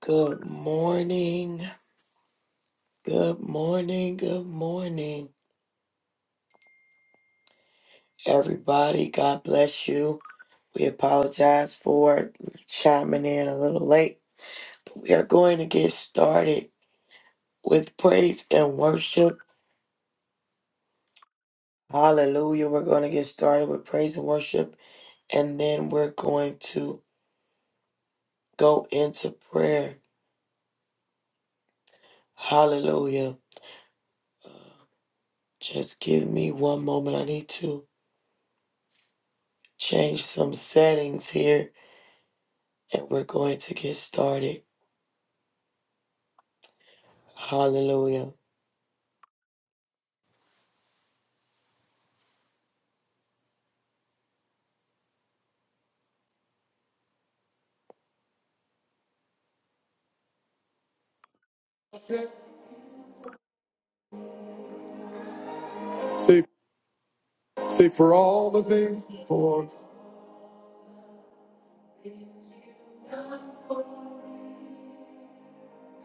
Good morning. Good morning. Good morning, everybody. God bless you. We apologize for chiming in a little late. but We are going to get started with praise and worship. Hallelujah. We're going to get started with praise and worship, and then we're going to go into prayer. Hallelujah. Just give me one moment. I need to change some settings here, and we're going to get started. Hallelujah. Say, say for all the things for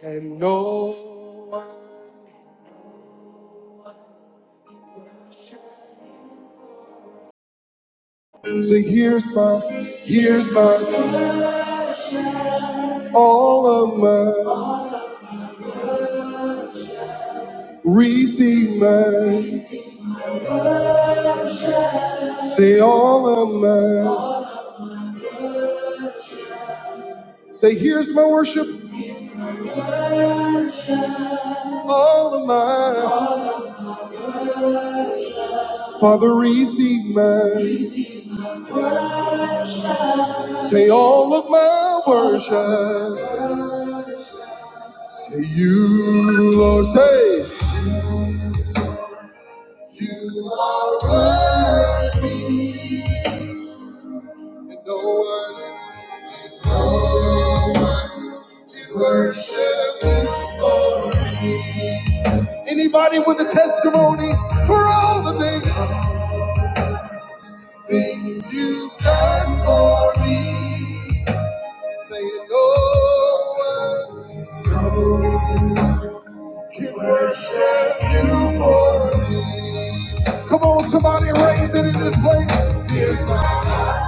and no one. Say here's my, here's my, all of my, receive my. Say all of my. Say here's my worship, all of my. Father, receive my. Say all of my worship. Say you, Lord, say. You are worthy, and no one, no one can worship you for me. Anybody with a testimony for all the things, things you've done for me. Say no one can worship you for me. Come on, somebody raise it in this place. Here's my heart.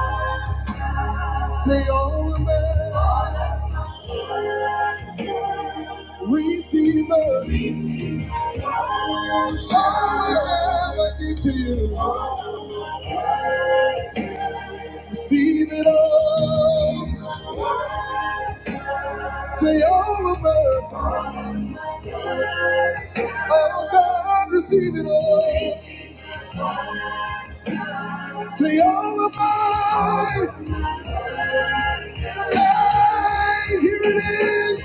Say all the man. Receiver, receive. I will have a you. Receive it all. Say all of it. Oh God, receive it all. Say all of mine. Hey, here it is.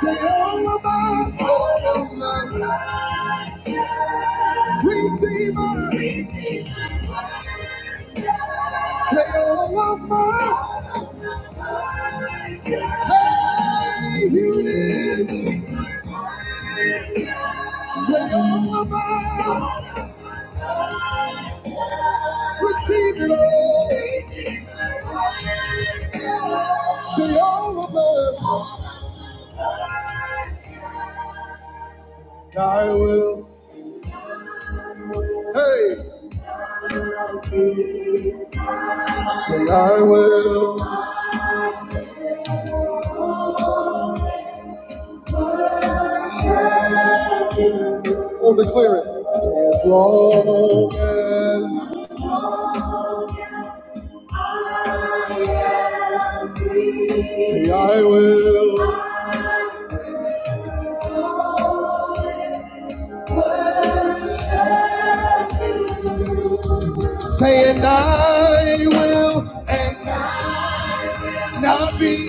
Say all of mine. All of mine. Receive it. Say all over. Hey, you did. Say all over. Receive it all. Say all over. I will. Hey, say I will. Oh, declare it. Say, as long as say I will. Say and I will and not be.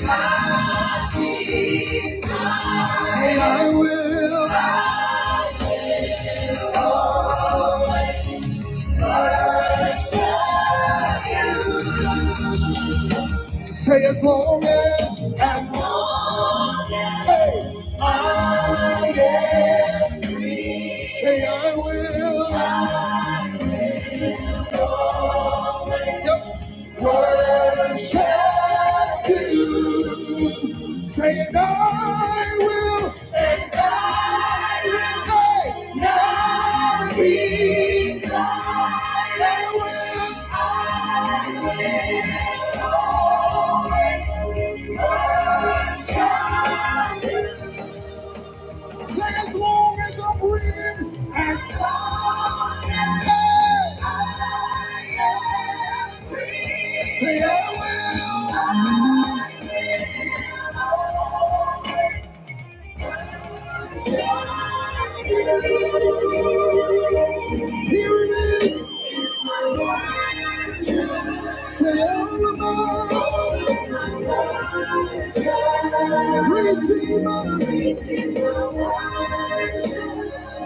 Say I will. Say as long as, as long as I am. Say I will. I Yep. Worship you. Say and I will. And I will. say now be silent. I will. I will always worship you. Say as long as I'm breathing, as long as I am breathing. Say I will. I will here it is. Say all about. Receive my.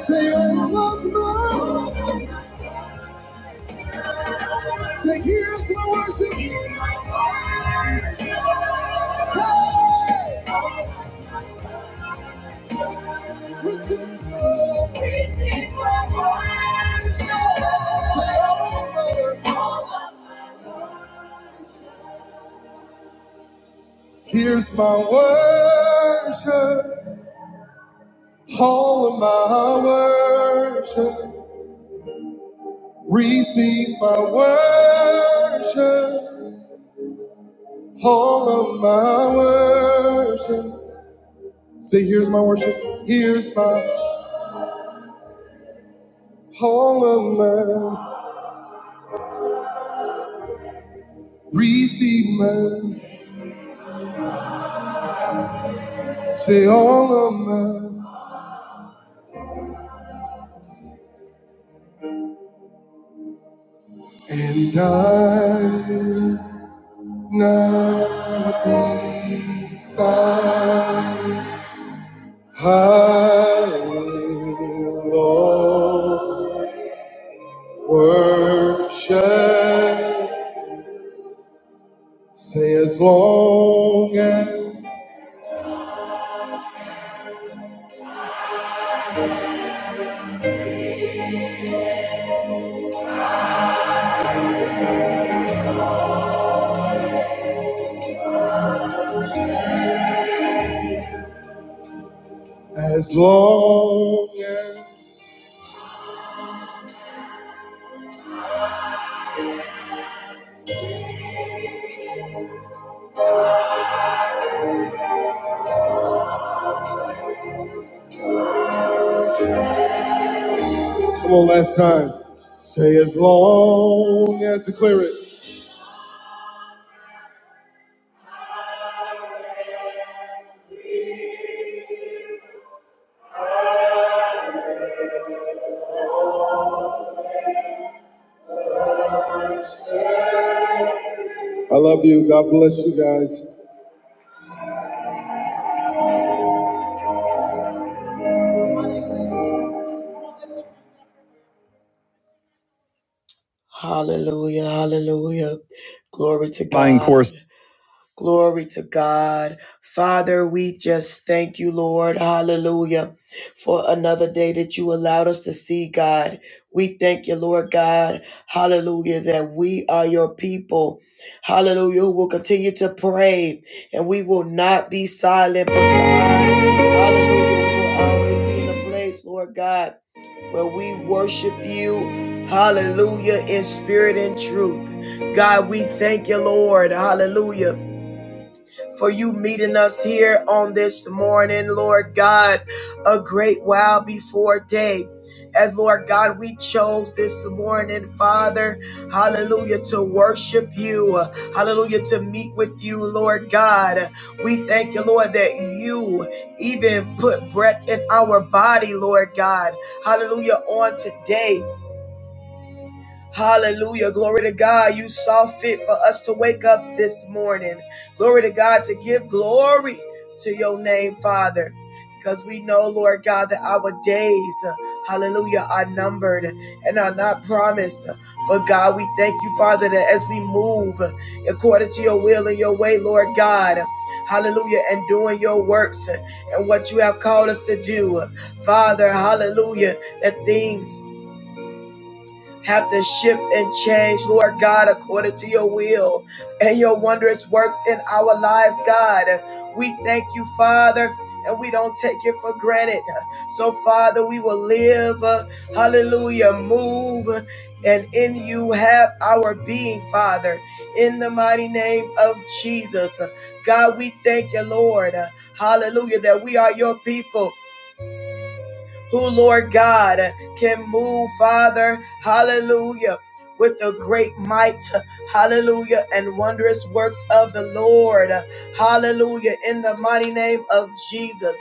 Say all about. Say, here's my worship. Here's my worship. Say, receive my love. Receive my worship. Say, all my worship. Here's my worship. All of my worship. Receive my worship. All of my worship. Say, here's my worship. Here's my all of my. Receive my. Say, all of my. And I will not be silent. I will always worship. Say, as long as As long as, come on, last time. Say as long as, declare it. I love you. God bless you guys. Hallelujah, hallelujah. Glory to Fine God. course. Glory to God. Father, we just thank you, Lord. Hallelujah. For another day that you allowed us to see, God. We thank you, Lord God. Hallelujah. That we are your people. Hallelujah. Who will continue to pray and we will not be silent. But God, hallelujah. We will always be in a place, Lord God, where we worship you. Hallelujah. In spirit and truth. God, we thank you, Lord. Hallelujah for you meeting us here on this morning, Lord God, a great while before day. As Lord God, we chose this morning, Father, hallelujah, to worship you, hallelujah, to meet with you, Lord God. We thank you, Lord, that you even put breath in our body, Lord God, hallelujah, on today. Hallelujah. Glory to God. You saw fit for us to wake up this morning. Glory to God to give glory to your name, Father. Because we know, Lord God, that our days, uh, hallelujah, are numbered and are not promised. But God, we thank you, Father, that as we move according to your will and your way, Lord God, hallelujah, and doing your works and what you have called us to do, Father, hallelujah, that things have to shift and change, Lord God, according to your will and your wondrous works in our lives, God. We thank you, Father. And we don't take it for granted. So, Father, we will live, uh, hallelujah, move, and in you have our being, Father, in the mighty name of Jesus. God, we thank you, Lord, hallelujah, that we are your people who, Lord God, can move, Father, hallelujah, with the great might, hallelujah, and wondrous works of the Lord, hallelujah, in the mighty name of Jesus.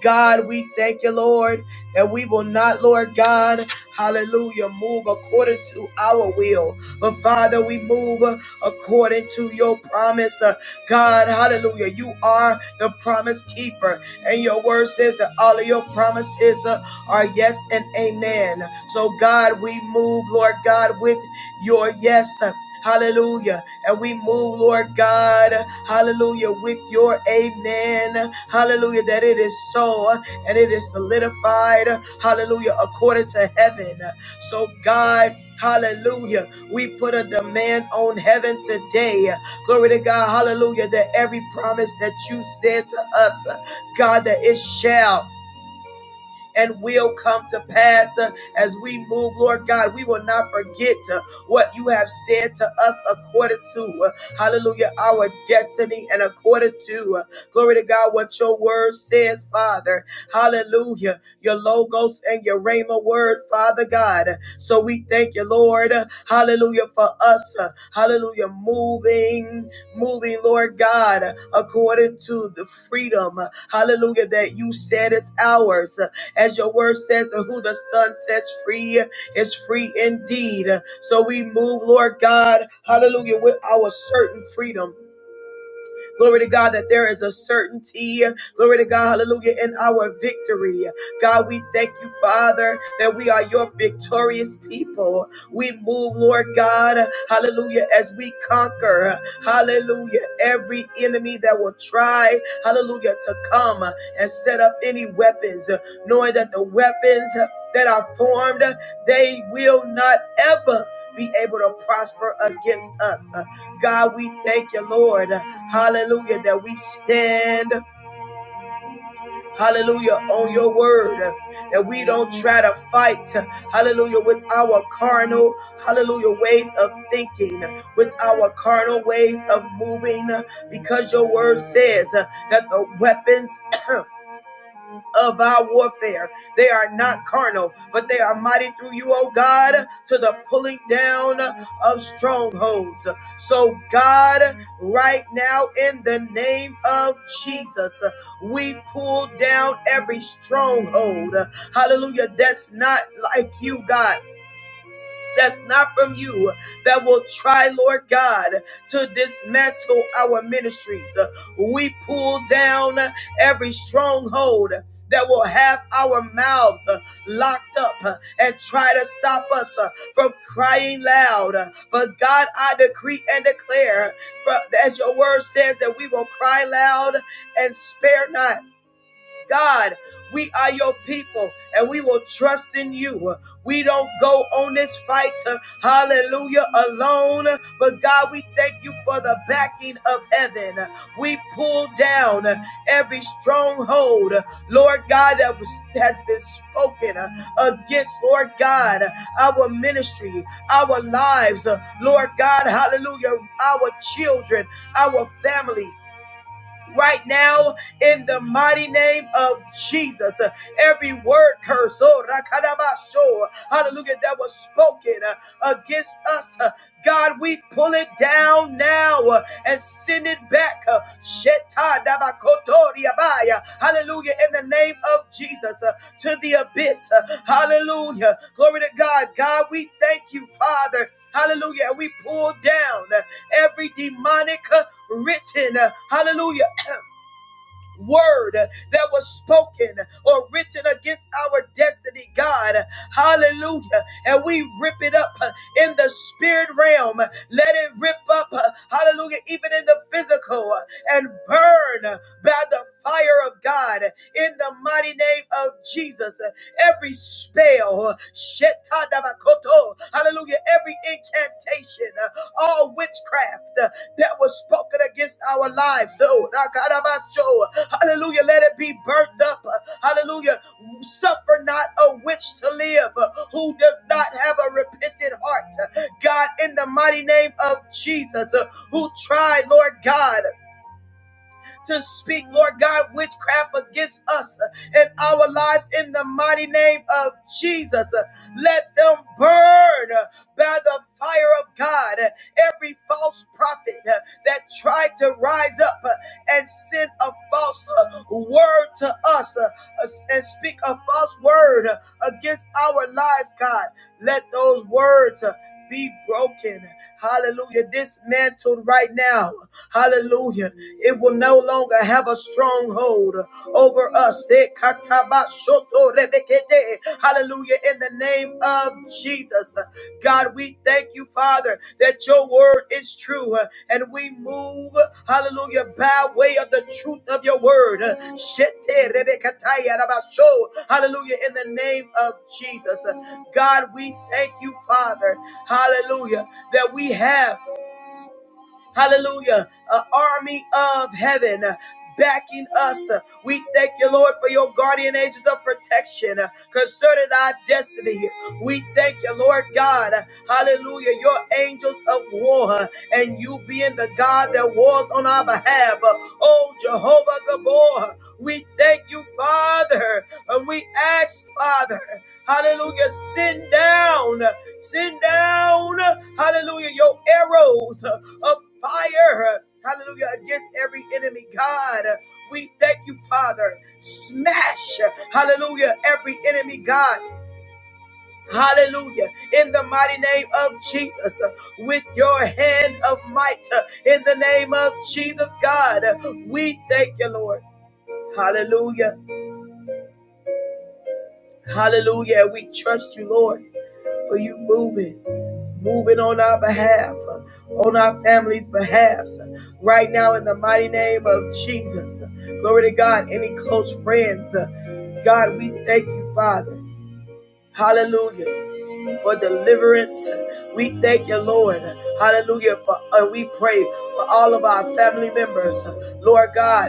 God, we thank you, Lord, that we will not, Lord God, hallelujah, move according to our will, but Father, we move according to your promise. Uh, God, hallelujah, you are the promise keeper, and your word says that all of your promises are yes and amen. So, God, we move, Lord God, with your yes. Hallelujah. And we move, Lord God, hallelujah, with your amen. Hallelujah, that it is so and it is solidified, hallelujah, according to heaven. So, God, hallelujah, we put a demand on heaven today. Glory to God, hallelujah, that every promise that you said to us, God, that it shall and will come to pass uh, as we move, Lord God. We will not forget uh, what you have said to us according to, uh, hallelujah, our destiny and according to, uh, glory to God, what your word says, Father. Hallelujah. Your logos and your rhema word, Father God. So we thank you, Lord. Hallelujah for us. uh, Hallelujah. Moving, moving, Lord God, according to the freedom. uh, Hallelujah. That you said is ours. uh, as your word says, who the Son sets free is free indeed. So we move, Lord God, hallelujah, with our certain freedom. Glory to God that there is a certainty. Glory to God, hallelujah, in our victory. God, we thank you, Father, that we are your victorious people. We move, Lord God, hallelujah, as we conquer, hallelujah, every enemy that will try, hallelujah, to come and set up any weapons, knowing that the weapons that are formed, they will not ever be able to prosper against us. God, we thank you, Lord. Hallelujah. That we stand. Hallelujah. On your word. That we don't try to fight. Hallelujah. With our carnal, hallelujah, ways of thinking, with our carnal ways of moving. Because your word says that the weapons of our warfare. They are not carnal, but they are mighty through you, O God, to the pulling down of strongholds. So, God, right now, in the name of Jesus, we pull down every stronghold. Hallelujah. That's not like you, God that's not from you that will try, Lord God, to dismantle our ministries. We pull down every stronghold that will have our mouths uh, locked up uh, and try to stop us uh, from crying loud. Uh, But God, I decree and declare, as your word says, that we will cry loud and spare not. God, we are your people and we will trust in you. We don't go on this fight, uh, hallelujah, alone. But God, we thank you for the backing of heaven. We pull down uh, every stronghold, uh, Lord God, that was, has been spoken uh, against, Lord God, our ministry, our lives, uh, Lord God, hallelujah, our children, our families right now in the mighty name of Jesus. Uh, Every word curse, oh, rakadabasho, hallelujah, that was spoken uh, against us. uh, God, we pull it down now uh, and send it back. uh, shetadabakotoriabaya, Hallelujah. In the name of Jesus uh, to the abyss. uh, Hallelujah. Glory to God. God, we thank you, Father. Hallelujah. we pull down uh, every demonic uh, written. uh, Hallelujah word that was spoken or written against our destiny, God. Hallelujah. And we rip it up in the spirit realm. Let it rip up, hallelujah, even in the physical and burn by the fire of God in the mighty name of Jesus every spell, hallelujah, every incantation, uh, all witchcraft uh, that was spoken against our lives. Oh, hallelujah, let it be burnt up. uh, Hallelujah, suffer not a witch to live uh, who does not have a repentant heart. God, in the mighty name of Jesus, uh, who tried, Lord God to speak, Lord God, witchcraft against us and our lives in the mighty name of Jesus. Let them burn by the fire of God. Every false prophet that tried to rise up and send a false word to us and speak a false word against our lives, God, let those words be broken. Hallelujah. Dismantled right now. Hallelujah. It will no longer have a stronghold over us. Hallelujah. In the name of Jesus. God, we thank you, Father, that your word is true uh, and we move, hallelujah, by way of the truth of your word. Uh, Hallelujah. In the name of Jesus. Uh, God, we thank you, Father hallelujah, that we have. Hallelujah. An army of heaven. uh, Backing us. Uh, We thank you, Lord, for your guardian angels of protection uh, concerning our destiny. We thank you, Lord God. Uh, Hallelujah. Your angels of war uh, and you being the God that wars on our behalf. Uh, Oh, Jehovah Gabor, we thank you, Father. And we ask, Father, hallelujah, send down, send down, hallelujah, your arrows of fire, hallelujah, against every enemy. God, we thank you, Father. Smash, hallelujah, every enemy, God. Hallelujah. In the mighty name of Jesus, uh, with your hand of might, uh, in the name of Jesus, God, uh, we thank you, Lord. Hallelujah. Hallelujah. We trust you, Lord, for you moving. moving on our behalf, on our families' behalf, right now in the mighty name of Jesus. Glory to God. Any close friends, God, we thank you, Father. Hallelujah for deliverance. We thank you, Lord. Hallelujah. For, uh, we pray for all of our family members. Lord God,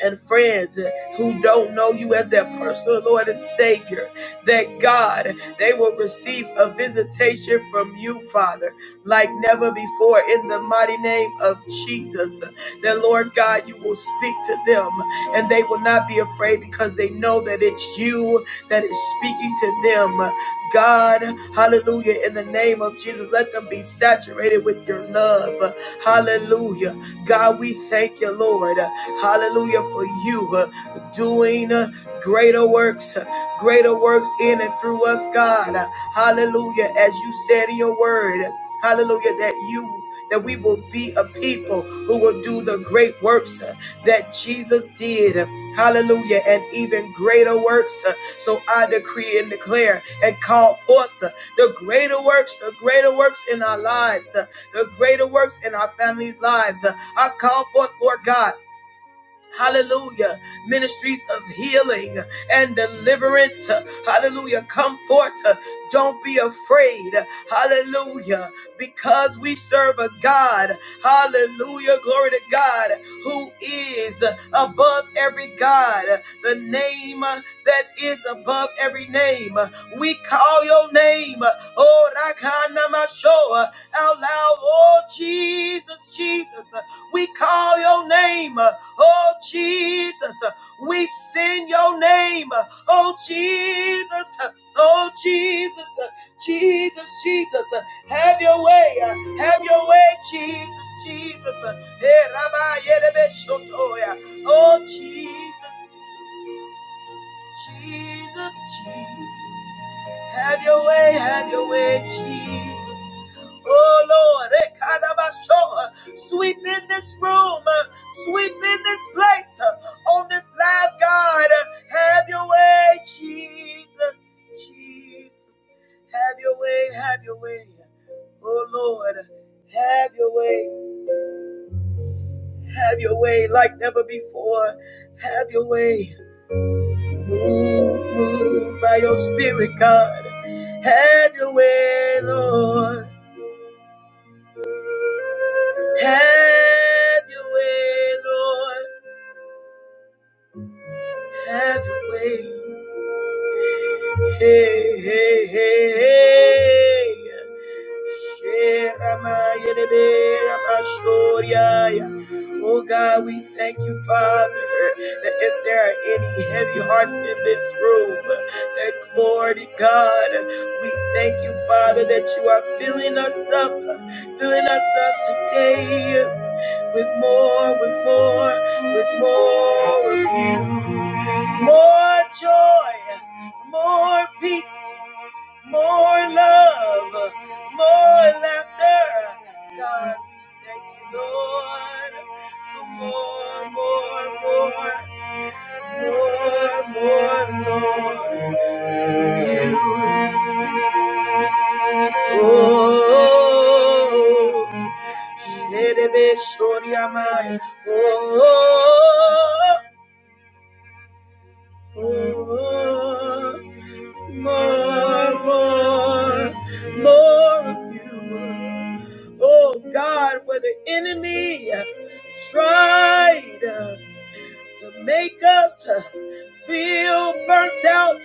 and friends who don't know you as their personal Lord and Savior, that God, they will receive a visitation from you, Father, like never before in the mighty name of Jesus. That Lord God, you will speak to them and they will not be afraid because they know that it's you that is speaking to them. God, hallelujah, in the name of Jesus, let them be saturated with your love. Hallelujah. God, we thank you, Lord. Hallelujah for you uh, doing uh, greater works, uh, greater works in and through us, God. Uh, Hallelujah. As you said in your word, hallelujah, that you that we will be a people who will do the great works uh, that Jesus did. Uh, Hallelujah. And even greater works. uh, So I decree and declare and call forth uh, the greater works, the greater works in our lives, uh, the greater works in our families' lives. Uh, I call forth, Lord God, Hallelujah. Ministries of healing and deliverance. Hallelujah. Come forth. Don't be afraid. Hallelujah. Because we serve a God. Hallelujah. Glory to God who is above every God. The name that is above every name. We call your name. Oh, Rakanamashoa. Out loud. Oh, Jesus, Jesus. We call your name. Oh Jesus, we sing your name. Oh Jesus, oh Jesus, Jesus, Jesus, have your way, have your way, Jesus, Jesus. Eh, Oh yeah. Oh, Jesus, Jesus, Jesus. Have your way, have your way, Jesus. Oh Lord, Ekanabasho, sweep in this room, uh, sweep in this place, uh, on this live God. Uh, Have your way, Jesus, Jesus. Have your way, have your way. Oh Lord, have your way, have your way like never before. Have your way. Move, move by your spirit, God. Have your way, Lord. Have your way, Lord. Have your way. Hey, hey, hey, hey. Oh God, we thank you, Father, that if there are any heavy hearts in this room, that glory to God, we thank you, Father, that you are filling us up, filling us up today with more, with more, with more of you. More joy, more peace, more love, more laughter. God, we thank you, Lord, for more, more, more, more, more, Lord, for you. Oh, Sherebe Shoriamai. Oh, oh, more, more, more of you. Oh God, where the enemy tried to make us uh, feel burnt out.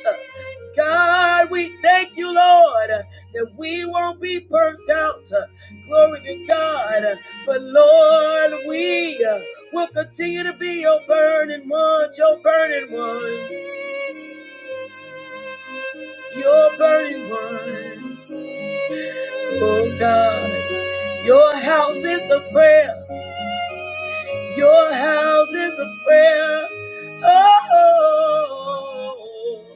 God, we thank you, Lord, uh, that we won't be burnt out. Uh, Glory to God. Uh, But Lord, we uh, will continue to be your burning ones, your burning ones, your burning ones. Oh God, your house is a prayer. Your house is a prayer. Oh.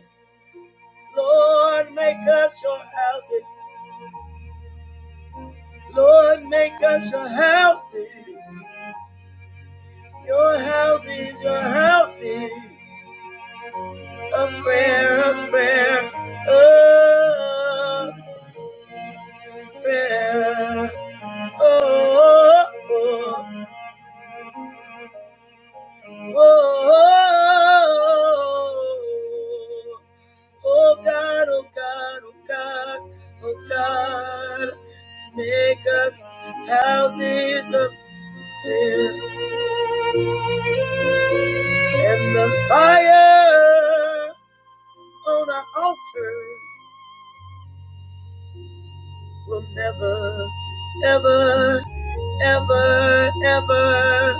Lord, make us your houses. Lord, make us your houses. Your houses, your houses. A prayer, a prayer, a prayer. Oh, oh, oh, oh, oh God, oh God, oh God, oh God. Make us houses of is And the fire on our altars will never, ever, ever, ever,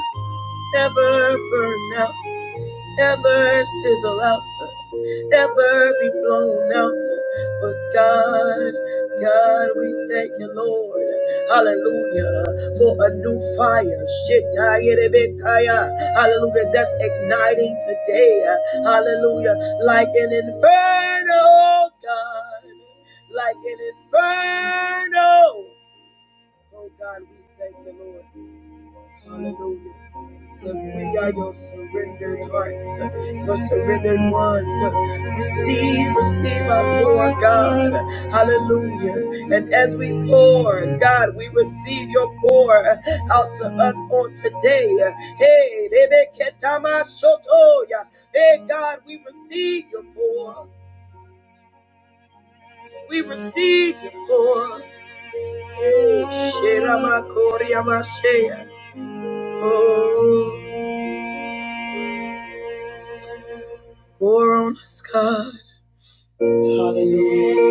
ever burn out. ever sizzle out to ever be blown out to. But God, God, we thank you, Lord. Hallelujah. For a new fire. Shitayerebekaya. Hallelujah. That's igniting today. Hallelujah. Like an inferno, oh God. Like an inferno. Oh God, we thank you, Lord. Hallelujah. That we are your surrendered hearts, your surrendered ones. Receive, receive our pour, God. Hallelujah. And as we pour, God, we receive your pour out to us on today. Hey, Rebeketama Shotoya. Hey, God, we receive your pour. We receive your pour. Hey, Sheramakoriamashea. Oh, pour on us, God. Hallelujah.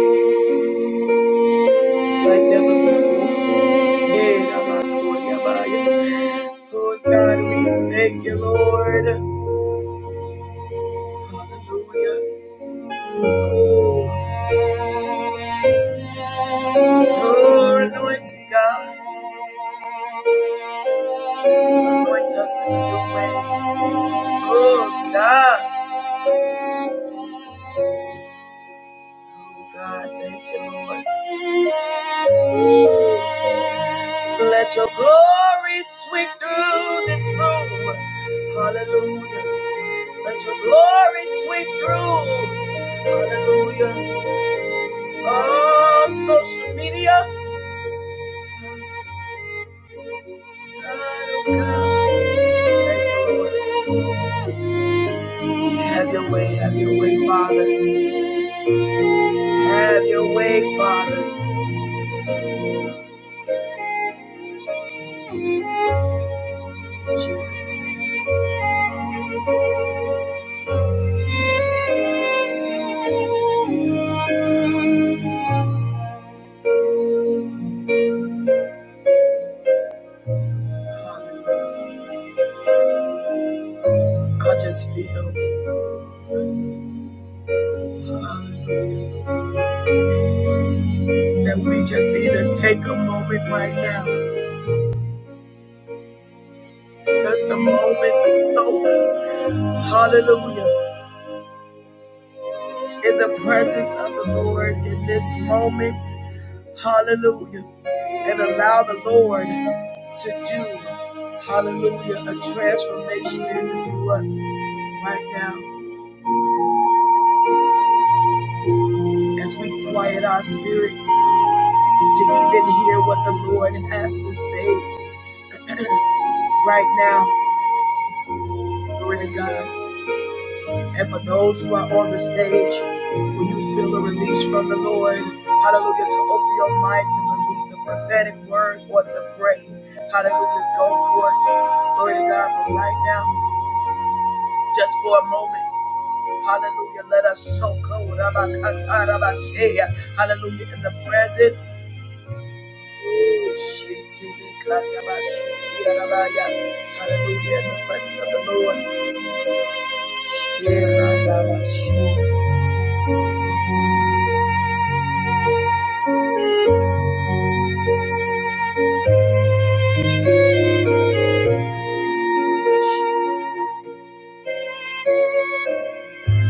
Like never before. Yeah, Rabbi, glory, Abba. Lord God, we thank you, Lord. Hallelujah. Oh, oh, anointed God. Anoint us in a new way. Oh, God. Oh, God, thank you, Lord. Let your glory sweep through this room. Hallelujah. Let your glory sweep through. Hallelujah. All social media. God, oh God. Thank you, Lord. Have your way, have your way, Father. Have your way, Father. Jesus. name. I just feel. Hallelujah. that we just need to take a moment right now, just a moment to soak, hallelujah, in the presence of the Lord in this moment, hallelujah, and allow the Lord to do, hallelujah, a transformation through us right now as we quiet our spirits to even hear what the Lord has to say right now. Glory to God. And for those who are on the stage, will you feel a release from the Lord? Hallelujah. To open your mind to release a prophetic word or to pray. Hallelujah. Go for it. Glory to God. But right now, just for a moment, hallelujah. Let us so go. Hallelujah. In the presence. Hallelujah. In the presence of the Lord. Thank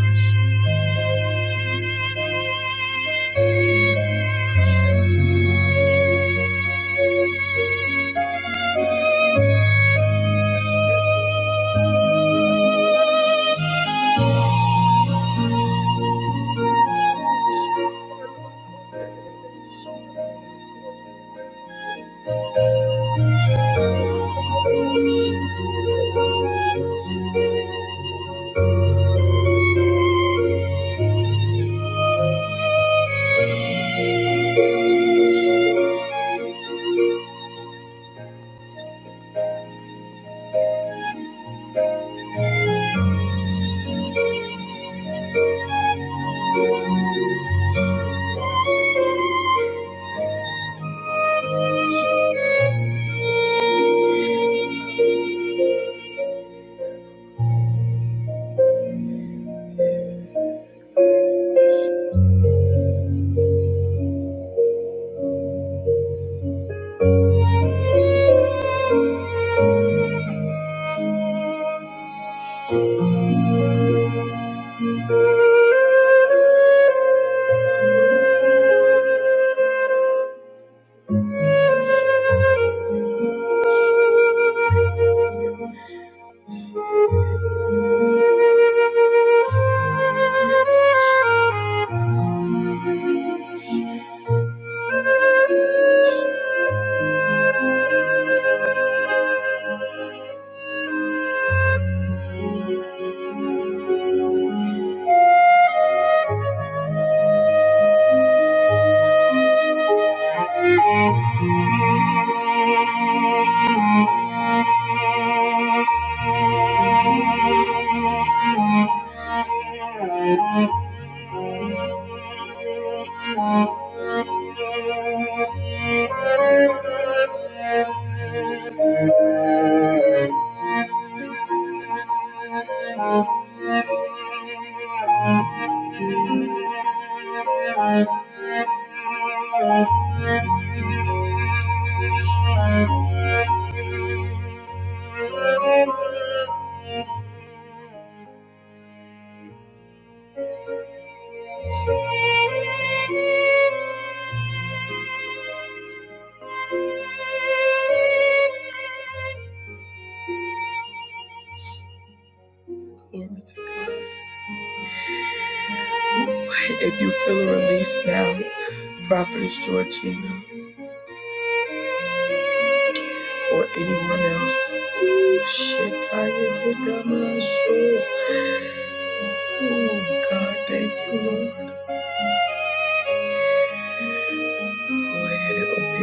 you. Thank you. If you feel a release now, Prophetess Georgina. or anyone else. Ooh, shit, I get that much. Oh, God, thank you.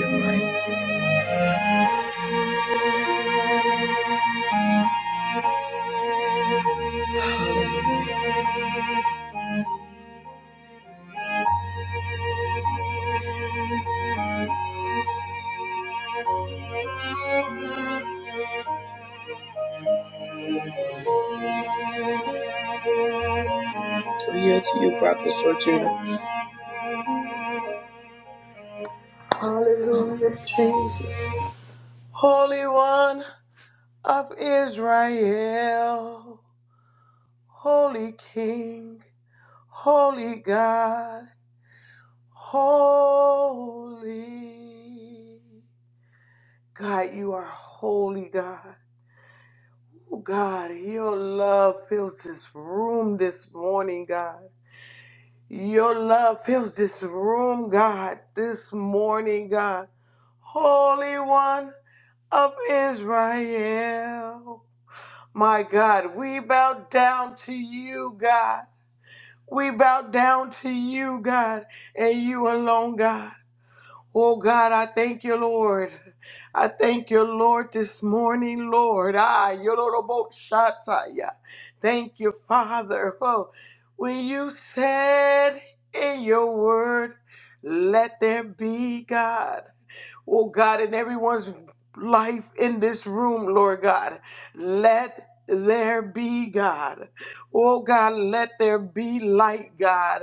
To you, to you, Prophet Georgina. Hallelujah, Jesus. Holy One of Israel, Holy King, Holy God, Holy. God, you are holy, God. Oh, God, your love fills this room this morning, God. Your love fills this room, God, this morning, God. Holy One of Israel. My God, we bow down to you, God. We bow down to you, God, and you alone, God. Oh God, I thank you, Lord. I thank you, Lord, this morning, Lord. Ah, Yoroboshataya. Thank you, Father. Oh, when you said in your word, let there be God. Oh God, in everyone's life in this room, Lord God, let there be God. Oh God, let there be light, God.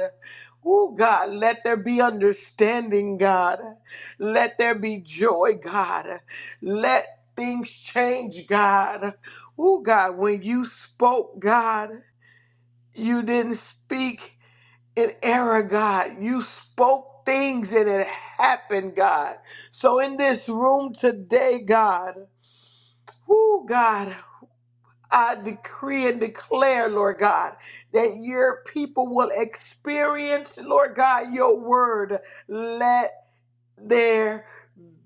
Oh God, let there be understanding, God. Let there be joy, God. Let things change, God. Oh, God, when you spoke, God, you didn't speak in error, God. You spoke things and it happened, God. So in this room today, God, oh, God, I decree and declare, Lord God, that your people will experience, Lord God, your word. Let there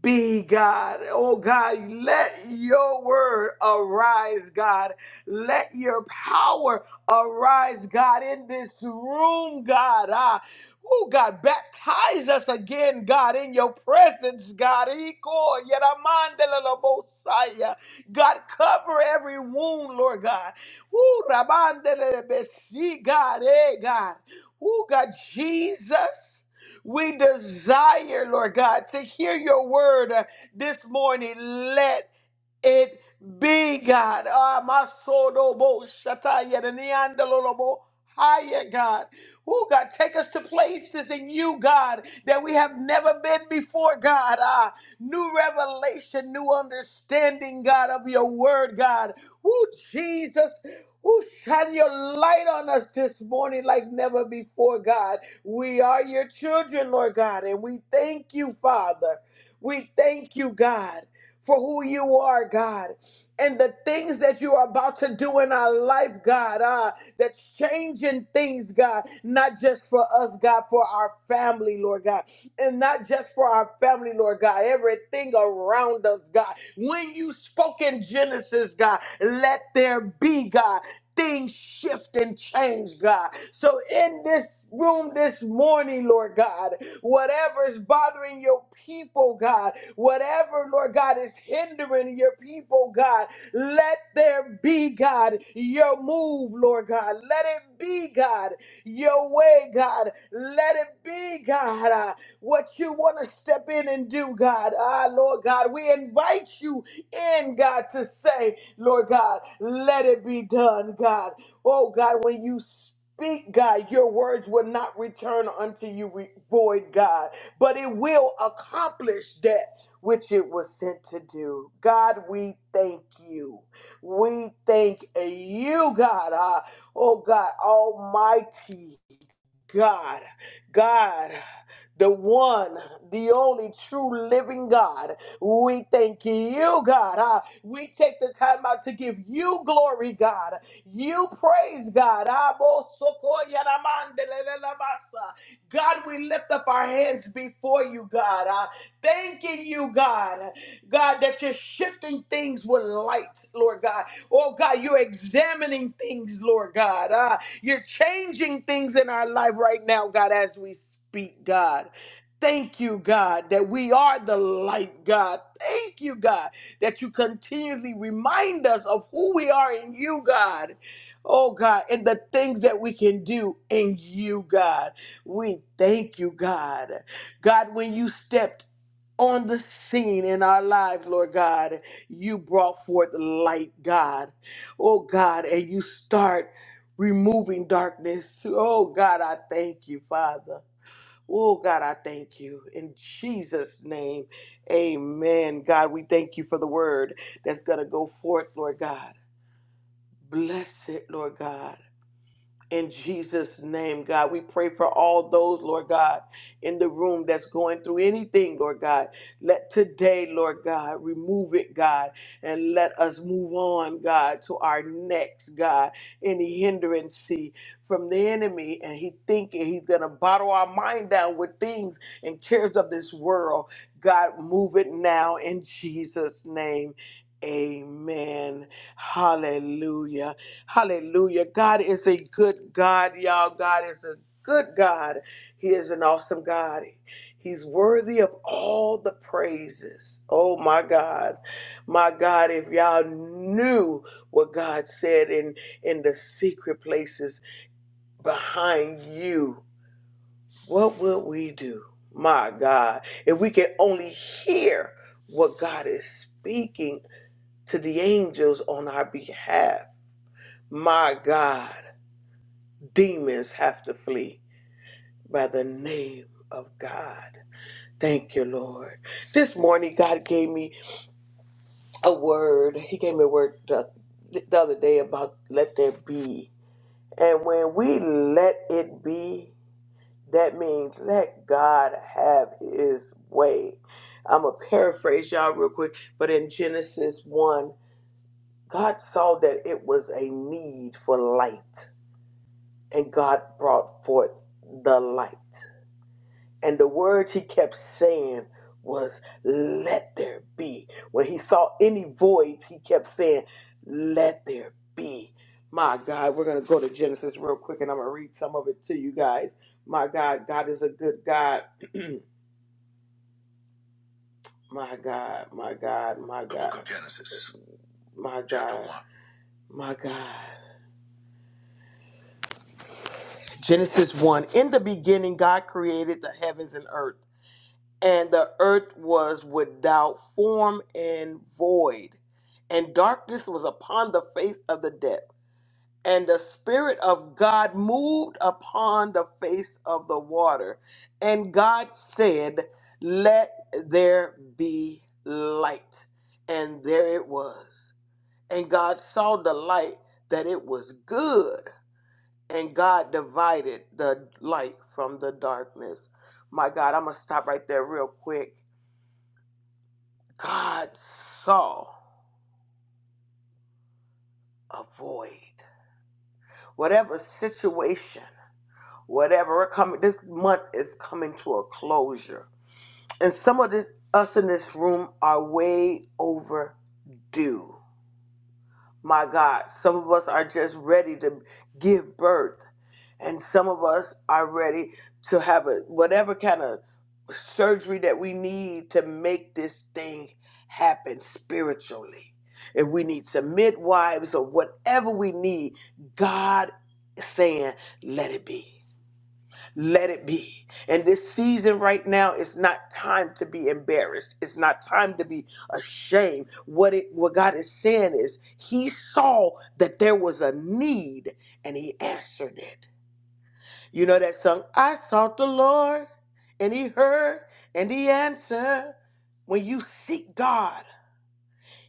be, God. Oh, God, let your word arise, God. Let your power arise, God, in this room, God. Ah, oh, God, baptize us again, God, in your presence, God. Iko yeramandelelobosaya. God, cover every wound, Lord God. Ooh, rabandelelebesi, God, eh, God. Oh, God, Jesus. We desire, Lord God, to hear your word uh, this morning. Let it be, God. Ah, my soul, no more. Shataya, the neon, no Higher, God. Oh, God, take us to places in you, God, that we have never been before, God. Ah, new revelation, new understanding, God, of your word, God. Oh, Jesus. Oh, shine your light on us this morning like never before, God. We are your children, Lord God, and we thank you, Father. We thank you, God, for who you are, God, and the things that you are about to do in our life, God, ah, that's changing things, God, not just for us, God, for our family, Lord God and not just for our family, Lord God, everything around us, God. When you spoke in Genesis, God, let there be, God. Things shift and change, God. So, in this room this morning, Lord God, whatever is bothering your people, God, whatever, Lord God, is hindering your people, God, let there be, God, your move, Lord God. Let it it be, God, your way, God. Let it be, God, uh, what you want to step in and do, God. Ah, Lord God, we invite you in, God, to say, Lord God, let it be done, God. Oh, God, when you speak, God, your words will not return unto you re- void, God, but it will accomplish that which it was sent to do. God, we thank you. We thank you, God. Ah, Oh God Almighty. God, God, the one, the only true living God. We thank you, God. Uh, we take the time out to give you glory, God. You praise, God. Abo-soko-yanamandelelelabasa. God, we lift up our hands before you, God. Uh, thanking you, God. God, that you're shifting things with light, Lord God. Oh, God, you're examining things, Lord God. Ah, you're changing things in our life right now, God, as we speak, God. Thank you, God, that we are the light, God. Thank you, God, that you continually remind us of who we are in you, God. Oh, God, and the things that we can do in you, God. We thank you, God. God, when you stepped on the scene in our lives, Lord God. You brought forth light, God. Oh, God, and you start removing darkness. Oh, God, I thank you, Father. Oh, God, I thank you. In Jesus' name, amen. God, we thank you for the word that's going to go forth, Lord God. Bless it, Lord God. In Jesus' name, God, we pray for all those, Lord God, in the room that's going through anything, Lord God. Let today, Lord God, remove it, God, and let us move on, God, to our next, God. Any hindrance from the enemy, and he thinking he's going to bottle our mind down with things and cares of this world. God, move it now in Jesus' name. Amen. Hallelujah. Hallelujah. God is a good God, y'all. God is a good God. He is an awesome God. He's worthy of all the praises. Oh my God. My God, if y'all knew what God said in, in the secret places behind you, what would we do? My God. If we could only hear what God is speaking to the angels on our behalf. My God. Demons have to flee by the name of God. Thank you, Lord. This morning, God gave me a word. He gave me a word the, the other day about let there be. And when we let it be, that means let God have his way. I'm going to paraphrase y'all real quick, but in Genesis 1, God saw that it was a need for light, and God brought forth the light. And the words he kept saying was, Let there be. When he saw any voids, he kept saying, Let there be. My God, we're going to go to Genesis real quick and I'm going to read some of it to you guys. My God, God is a good God. my God, my God, my God. The book God. of Genesis. My God. My God. Genesis 1. In the beginning, God created the heavens and earth. and the earth was without form and void, and darkness was upon the face of the depth. And the Spirit of God moved upon the face of the water. And God said, Let there be light. And there it was. And God saw the light that it was good. And God divided the light from the darkness. My God, I'm going to stop right there real quick God saw a void. Whatever situation, whatever coming, this month is coming to a closure. And some of this, us in this room are way overdue. My God, some of us are just ready to give birth. and some of us are ready to have a whatever kind of surgery that we need to make this thing happen spiritually if we need some midwives or whatever we need god is saying let it be let it be and this season right now it's not time to be embarrassed it's not time to be ashamed what it what god is saying is he saw that there was a need and he answered it you know that song? I sought the Lord and he heard and he answered. When you seek God,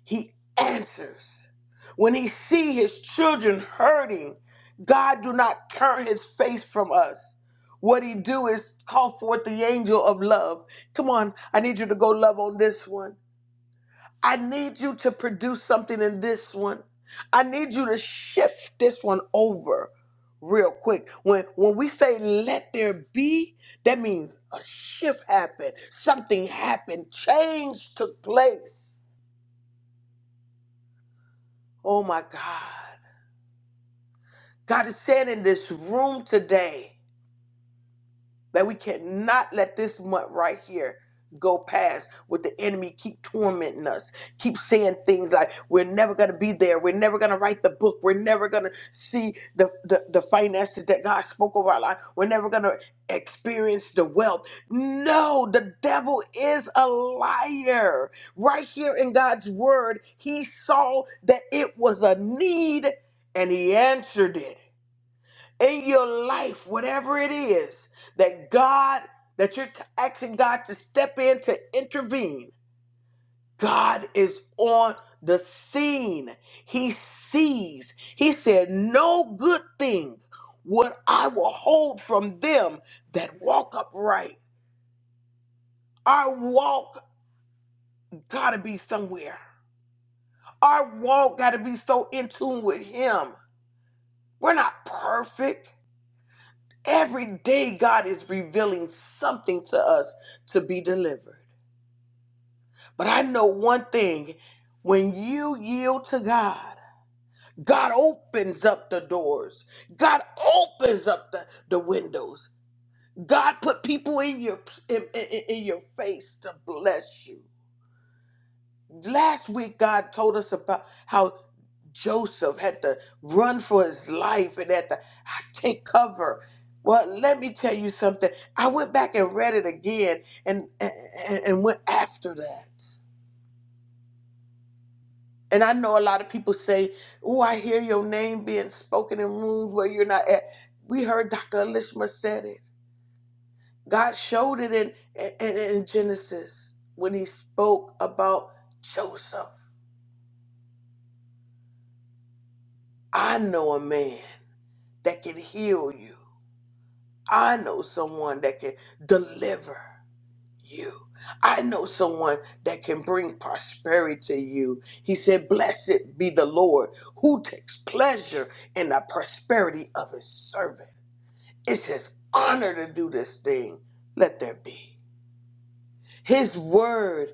he answers. When he see his children hurting, God do not turn his face from us. What he do is call forth the angel of love. Come on, I need you to go love on this one. I need you to produce something in this one. I need you to shift this one over real quick. When when we say let there be, that means a shift happened. Something happened. Change took place. Oh my God. God is saying in this room today. that we cannot let this month right here go past with the enemy keep tormenting us keep saying things like we're never going to be there we're never going to write the book we're never going to see the, the the finances that god spoke over our life we're never going to experience the wealth no the devil is a liar right here in god's word he saw that it was a need and he answered it in your life, whatever it is that God, that you're t- asking God to step in to intervene, God is on the scene. He sees. He said, No good thing would I will hold from them that walk upright. Our walk gotta be somewhere. Our walk gotta be so in tune with Him. We're not perfect. Every day, God is revealing something to us to be delivered. But I know one thing when you yield to God, God opens up the doors, God opens up the, the windows. God put people in your in, in, in your face to bless you. Last week, God told us about how Joseph had to run for his life and had to "I take cover. Well, let me tell you something. I went back and read it again and, and, and went after that. And I know a lot of people say, Oh, I hear your name being spoken in rooms where you're not at. We heard Dr. Elishma said it. God showed it in, in, in Genesis when he spoke about Joseph. I know a man. that can heal you. I know someone that can deliver you. I know someone that can bring prosperity to you. He said, Blessed be the Lord who takes pleasure in the prosperity of his servant. It's his honor to do this thing. Let there be. His word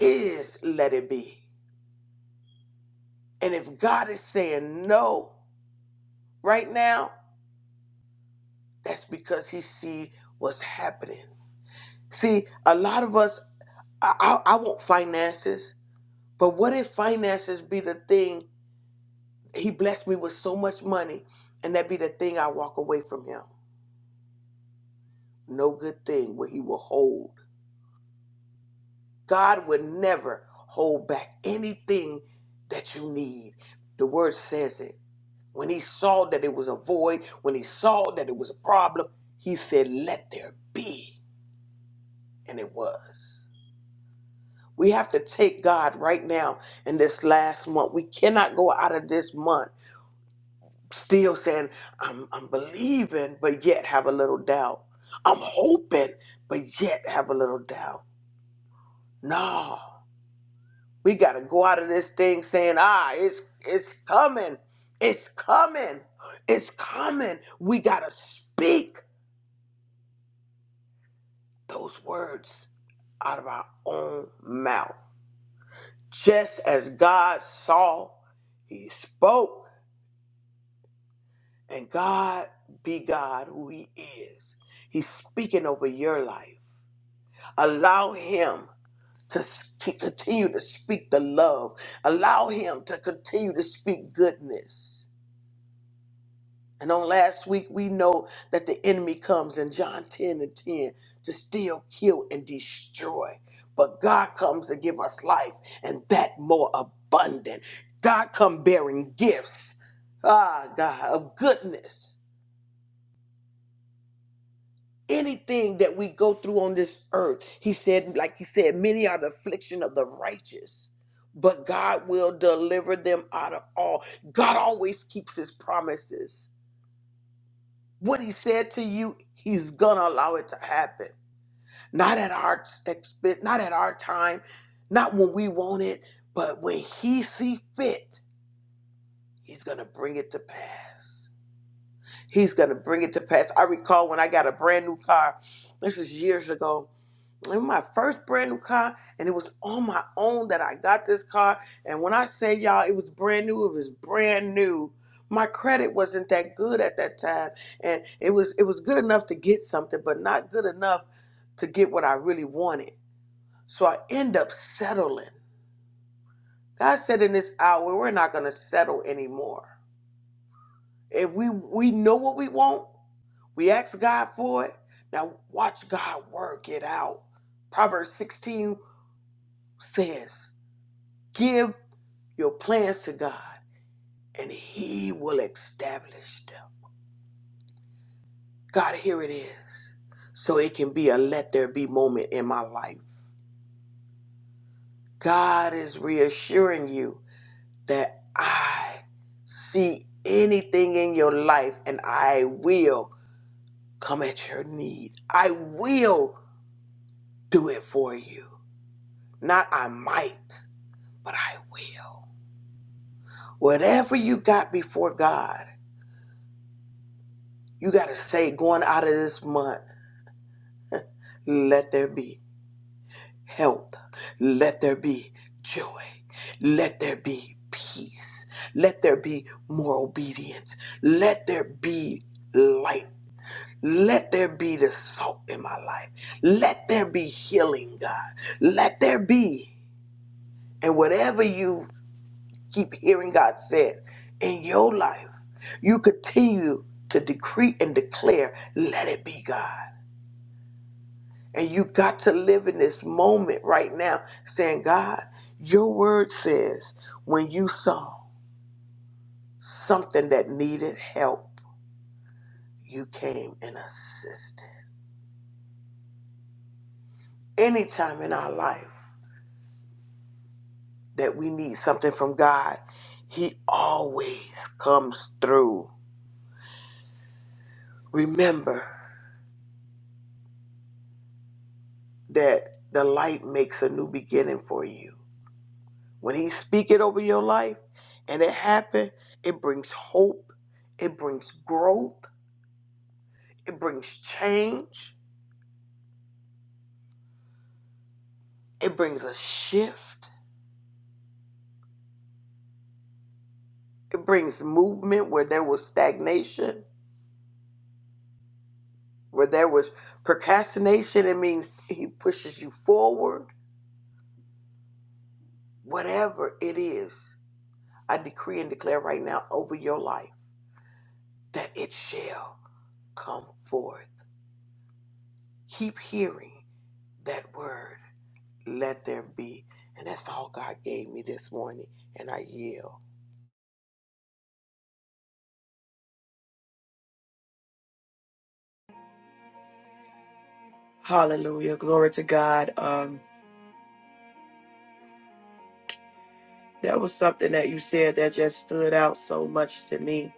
is let it be. And if God is saying no right now, that's because he see what's happening. See, a lot of us I, I, I want finances, but what if finances be the thing? He blessed me with so much money, and that be the thing I walk away from him. No good thing will he will hold. God would never hold back anything that you need. The word says it. When he saw that it was a void, when he saw that it was a problem, he said, Let there be. And it was. We have to take God right now in this last month. We cannot go out of this month still saying I'm I'm believing but yet have a little doubt. I'm hoping but yet have a little doubt. No. We got to go out of this thing saying, "Ah, it's it's coming. It's coming. It's coming." We got to speak those words out of our own mouth. Just as God saw, he spoke, and God be God who he is. He's speaking over your life. Allow him to s- to continue to speak the love. Allow him to continue to speak goodness. And on last week, we know that the enemy comes in John 10 and 10 to steal, kill, and destroy. But God comes to give us life and that more abundant. God come bearing gifts, ah, God, of goodness. anything that we go through on this earth. He said, like he said, many are the affliction of the righteous, but God will deliver them out of all. God always keeps his promises. What he said to you, he's gonna allow it to happen. Not at our expense, not at our time, not when we want it, but when he see fit, he's gonna bring it to pass. He's gonna bring it to pass. I recall when I got a brand new car, this is years ago, in my first brand new car, and it was on my own that I got this car. And when I say y'all, it was brand new. It was brand new. My credit wasn't that good at that time, and it was it was good enough to get something, but not good enough to get what I really wanted. So I end up settling. God said in this hour, we're not gonna settle anymore. If we we know what we want, we ask God for it. Now watch God work it out. Proverbs 16 says. Give your plans to God and He will establish them. God, here it is. So it can be a let there be moment in my life. God is reassuring you that I see anything in your life and I will come at your need. I will do it for you. Not I might, but I will. Whatever you got before God, you got to say going out of this month. Let there be health. Let there be joy. Let there be peace. Let there be more obedience. Let there be light. Let there be the salt in my life. Let there be healing, God. Let there be. And whatever you keep hearing God said in your life, you continue to decree and declare, let it be, God. And you got to live in this moment right now, saying, God, your word says when you saw something that needed help, you came and assisted. Anytime in our life that we need something from God, He always comes through. Remember that the light makes a new beginning for you. When He speak it over your life and it happen, it brings hope, it brings growth It brings change. It brings a shift. It brings movement where there was stagnation, where there was procrastination. It means he pushes you forward. Whatever it is, I decree and declare right now over your life that it shall come forth. Keep hearing that word. Let there be. And that's all God gave me this morning, and I yield. Hallelujah. Glory to God. Um, that was something that you said that just stood out so much to me.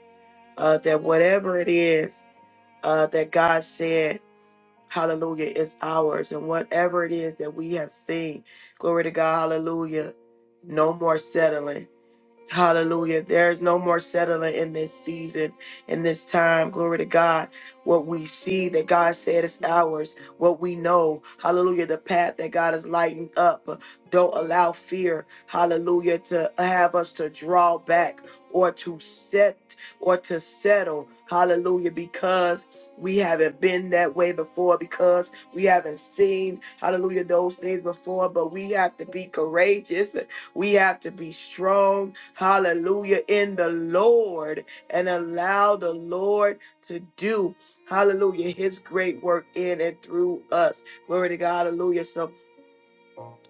Uh, that whatever it is uh, that God said, hallelujah, is ours. And whatever it is that we have seen, glory to God, hallelujah, no more settling Hallelujah. There is no more settling in this season, in this time. Glory to God. What we see that God said is ours, what we know. Hallelujah. The path that God has lightened up. Don't allow fear, hallelujah, to have us to draw back or to set or to settle. Hallelujah. Because we haven't been that way before, because we haven't seen, hallelujah, those things before. But we have to be courageous we have to be strong, hallelujah, in the Lord and allow the Lord to do, hallelujah, his great work in and through us. Glory to God, hallelujah. So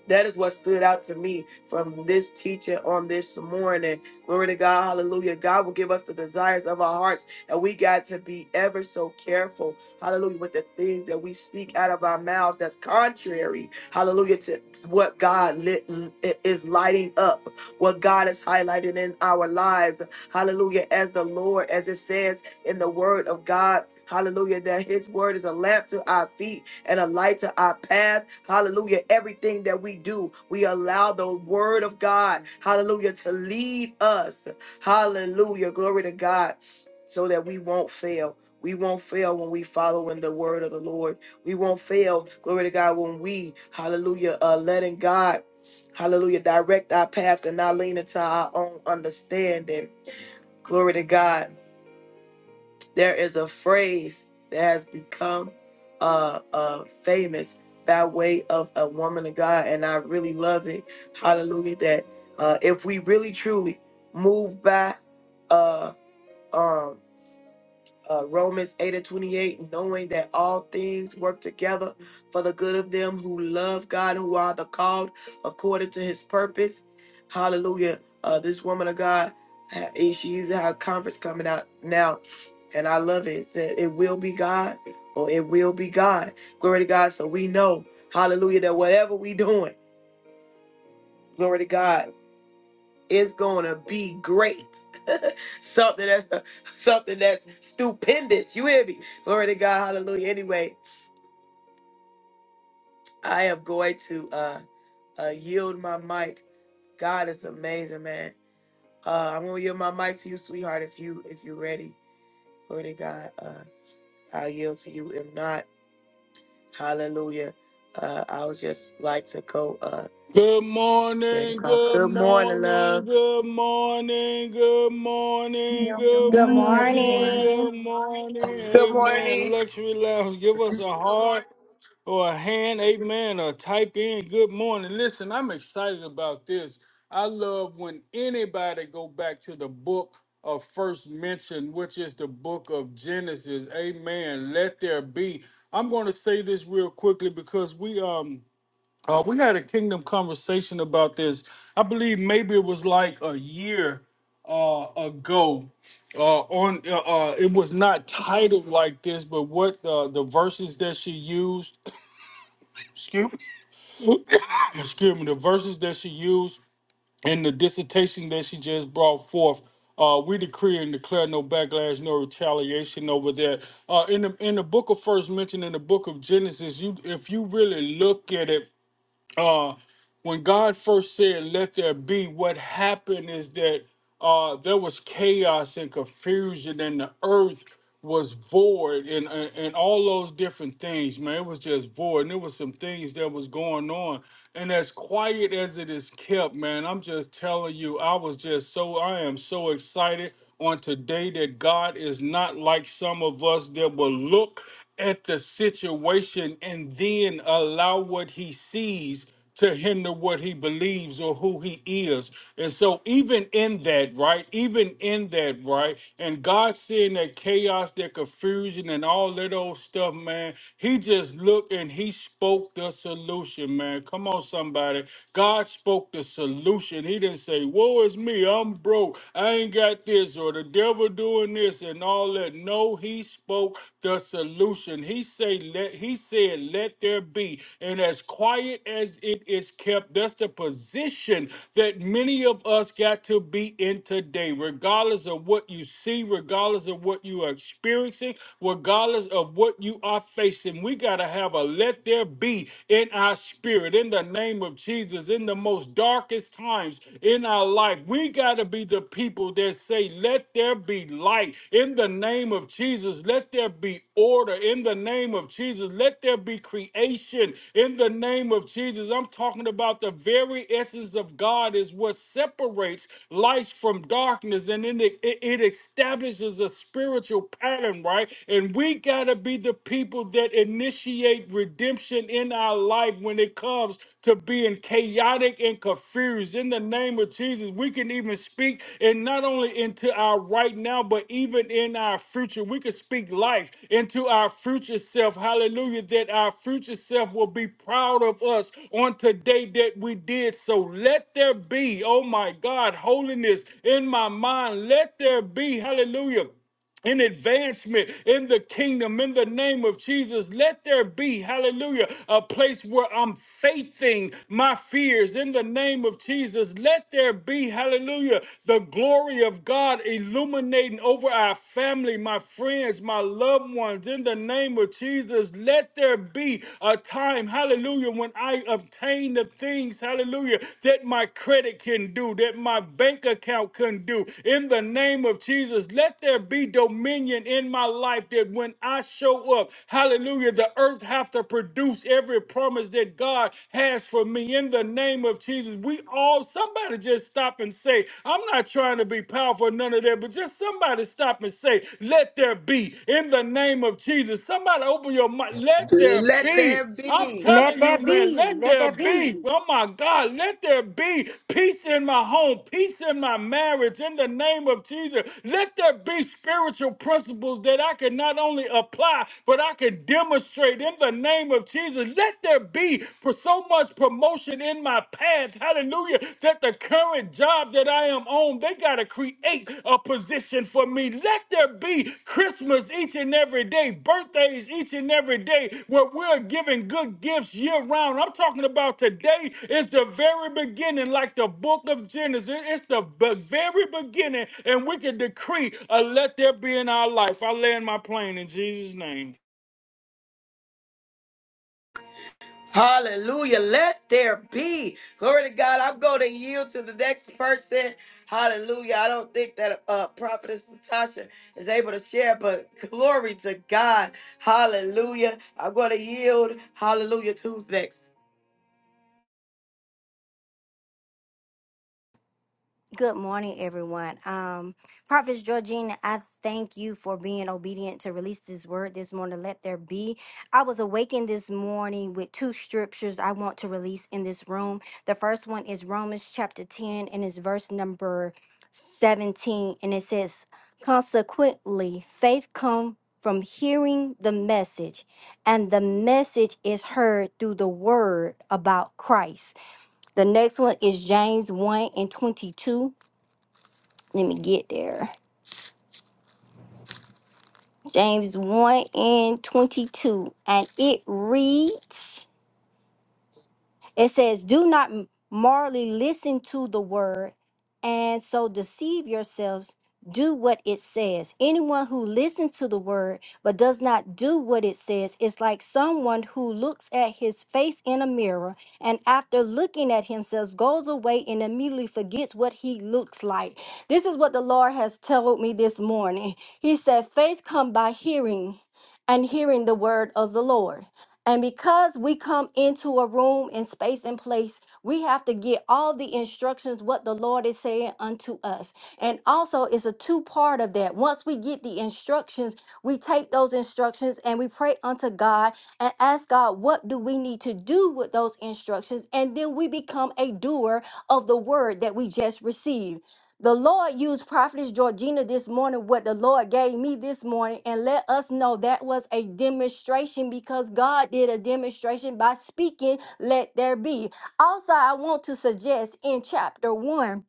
that is what stood out to me from this teaching on this morning. Glory to God. Hallelujah. God will give us the desires of our hearts, and we got to be ever so careful. Hallelujah. With the things that we speak out of our mouths that's contrary. Hallelujah. To what God lit, is lighting up, what God is highlighting in our lives. Hallelujah. As the Lord, as it says in the word of God. Hallelujah. That his word is a lamp to our feet and a light to our path. Hallelujah. Everything that we do, we allow the word of God, hallelujah, to lead us. Hallelujah. Glory to God. So that we won't fail. We won't fail when we follow in the word of the Lord. We won't fail. Glory to God when we, hallelujah, uh, letting God, hallelujah, direct our path and not lean into our own understanding. Glory to God there is a phrase that has become uh, uh, famous by way of a woman of God, and I really love it. Hallelujah! That uh, if we really truly move by uh, um, uh, Romans 8 and 28, knowing that all things work together for the good of them who love God, who are the called according to his purpose. Hallelujah. Uh, this woman of God, uh, she uses her conference coming out now, and I love it. It said, It will be God, or it will be God. Glory to God. So we know, hallelujah, that whatever we doing, glory to God. It's gonna be great. something that's something that's stupendous. You hear me? Glory to God. Hallelujah. Anyway, I am going to uh, uh yield my mic. God is amazing, man. Uh, I'm gonna yield my mic to you, sweetheart. If you if you're ready, glory to God. Uh, I'll yield to you. If not, Hallelujah. Uh, I would just like to go uh Good straight morning, across. good Good morning, love. morning, good morning, good Tim. morning, Good good Good morning, morning, everyone. morning. good morning. Good Amen. morning. Luxury Lounge, give us a heart or a hand. Amen. Or type in good morning. Listen, I'm excited about this. I love when anybody go back to the book of first mention, which is the book of Genesis. Amen. Let there be. I'm going to say this real quickly because we um uh, we had a kingdom conversation about this. I believe maybe it was like a year uh, ago. Uh, on uh, uh, it was not titled like this, but what uh, the verses that she used, excuse, me. excuse me, the verses that she used and the dissertation that she just brought forth. Uh, we decree and declare no backlash, no retaliation over that. Uh, in the in the book of first mention in the book of Genesis, you if you really look at it uh, when God first said, "Let there be," what happened is that uh, there was chaos and confusion, and the earth was void, and, and and all those different things. Man, it was just void, and there was some things that was going on. And as quiet as it is kept, man, I'm just telling you, I was just so I am so excited on today that God is not like some of us that will look at the situation and then allow what He sees to hinder what he believes or who he is. And so, even in that, right? Even in that, right? And God seeing that chaos, that confusion, and all that old stuff, man, he just looked and he spoke the solution, man. Come on, somebody. God spoke the solution. He didn't say, Woe is me, I'm broke, I ain't got this, or the devil doing this, and all that. No, he spoke know the solution. He say let he said, let there be. And as quiet as it is kept, that's the position that many of us got to be in today, regardless of what you see, regardless of what you are experiencing, regardless of what you are facing. We gotta have a let there be in our spirit, in the name of Jesus, in the most darkest times in our life light. We got to be the people that say, let there be light in the name of Jesus. Let there be order in the name of Jesus. Let there be creation in the name of Jesus. I'm talking about the very essence of God is what separates light from darkness and then it, it, it establishes a spiritual pattern, right? And we got to be the people that initiate redemption in in our life when it comes to being chaotic and confused. In the name of Jesus, we can even speak and not only into our right now, but even in our future. We can speak life into our future self. Hallelujah. That our future self will be proud of us on today that we did. So let there be, oh my God, holiness in my mind. Let there be, hallelujah in advancement in the kingdom in the name of Jesus. Let there be, hallelujah, a place where I'm faithing my fears in the name of Jesus. Let there be, hallelujah, the glory of God illuminating over our family, my friends, my loved ones in the name of Jesus. Let there be a time, hallelujah, when I obtain the things, hallelujah, that my credit can do, that my bank account can do. In the name of Jesus, let there be dominion in my life that when I show up, hallelujah, the earth have to produce every promise that God has for me. In the name of Jesus, we all, somebody just stop and say, I'm not trying to be powerful, none of that, but just somebody stop and say, let there be. In the name of Jesus, somebody open your mind, let there Let there be. I'm be. Let telling you, that man, be. let Let there that be. be, oh my God, let there be peace in my home, peace in my marriage, in the name of Jesus. Let there be spiritual principles that I can not only apply, but I can demonstrate in the name of Jesus. Let there be for so much promotion in my path, hallelujah, that the current job that I am am on, they got to create a position for me. Let there be Christmas each and every day, birthdays each and every day, where we're giving good gifts year round. I'm talking about today is the very beginning, like the book of Genesis. It's the be- very beginning, and we can decree, uh, let there be in our life. I land my plane in Jesus' name. Hallelujah. Let there be. Glory to God. I'm going to yield to the next person. Hallelujah. I don't think that uh, Prophetess Natasha is able to share, but glory to God. Hallelujah. I'm going to yield. Hallelujah. To Who's next? Good morning, everyone. Um, Prophet Georgina, I thank you for being obedient to release this word this morning. Let there be. I was awakened this morning with two scriptures I want to release in this room. The first one is Romans chapter 10, and it's verse number 17. And it says, Consequently, faith comes from hearing the message, and the message is heard through the word about Christ. The next one is James 1 and 22 let me get there. James 1 and 22. And it reads It says, Do not morally listen to the word and so deceive yourselves. Do what it says. Anyone who listens to the word but does not do what it says is like someone who looks at his face in a mirror and after looking at himself goes away and immediately forgets what he looks like. This is what the Lord has told me this morning. He said, Faith come by hearing and hearing the word of the Lord. And because we come into a room and space and place, we have to get all the instructions what the Lord is saying unto us. And also, it's a two part of that. Once we get the instructions, we take those instructions and we pray unto God and ask God, what do we need to do with those instructions? And then we become a doer of the word that we just received. The Lord used Prophetess Georgina this morning, what the Lord gave me this morning, and let us know that was a demonstration because God did a demonstration by speaking, let there be. Also, I want to suggest in chapter 1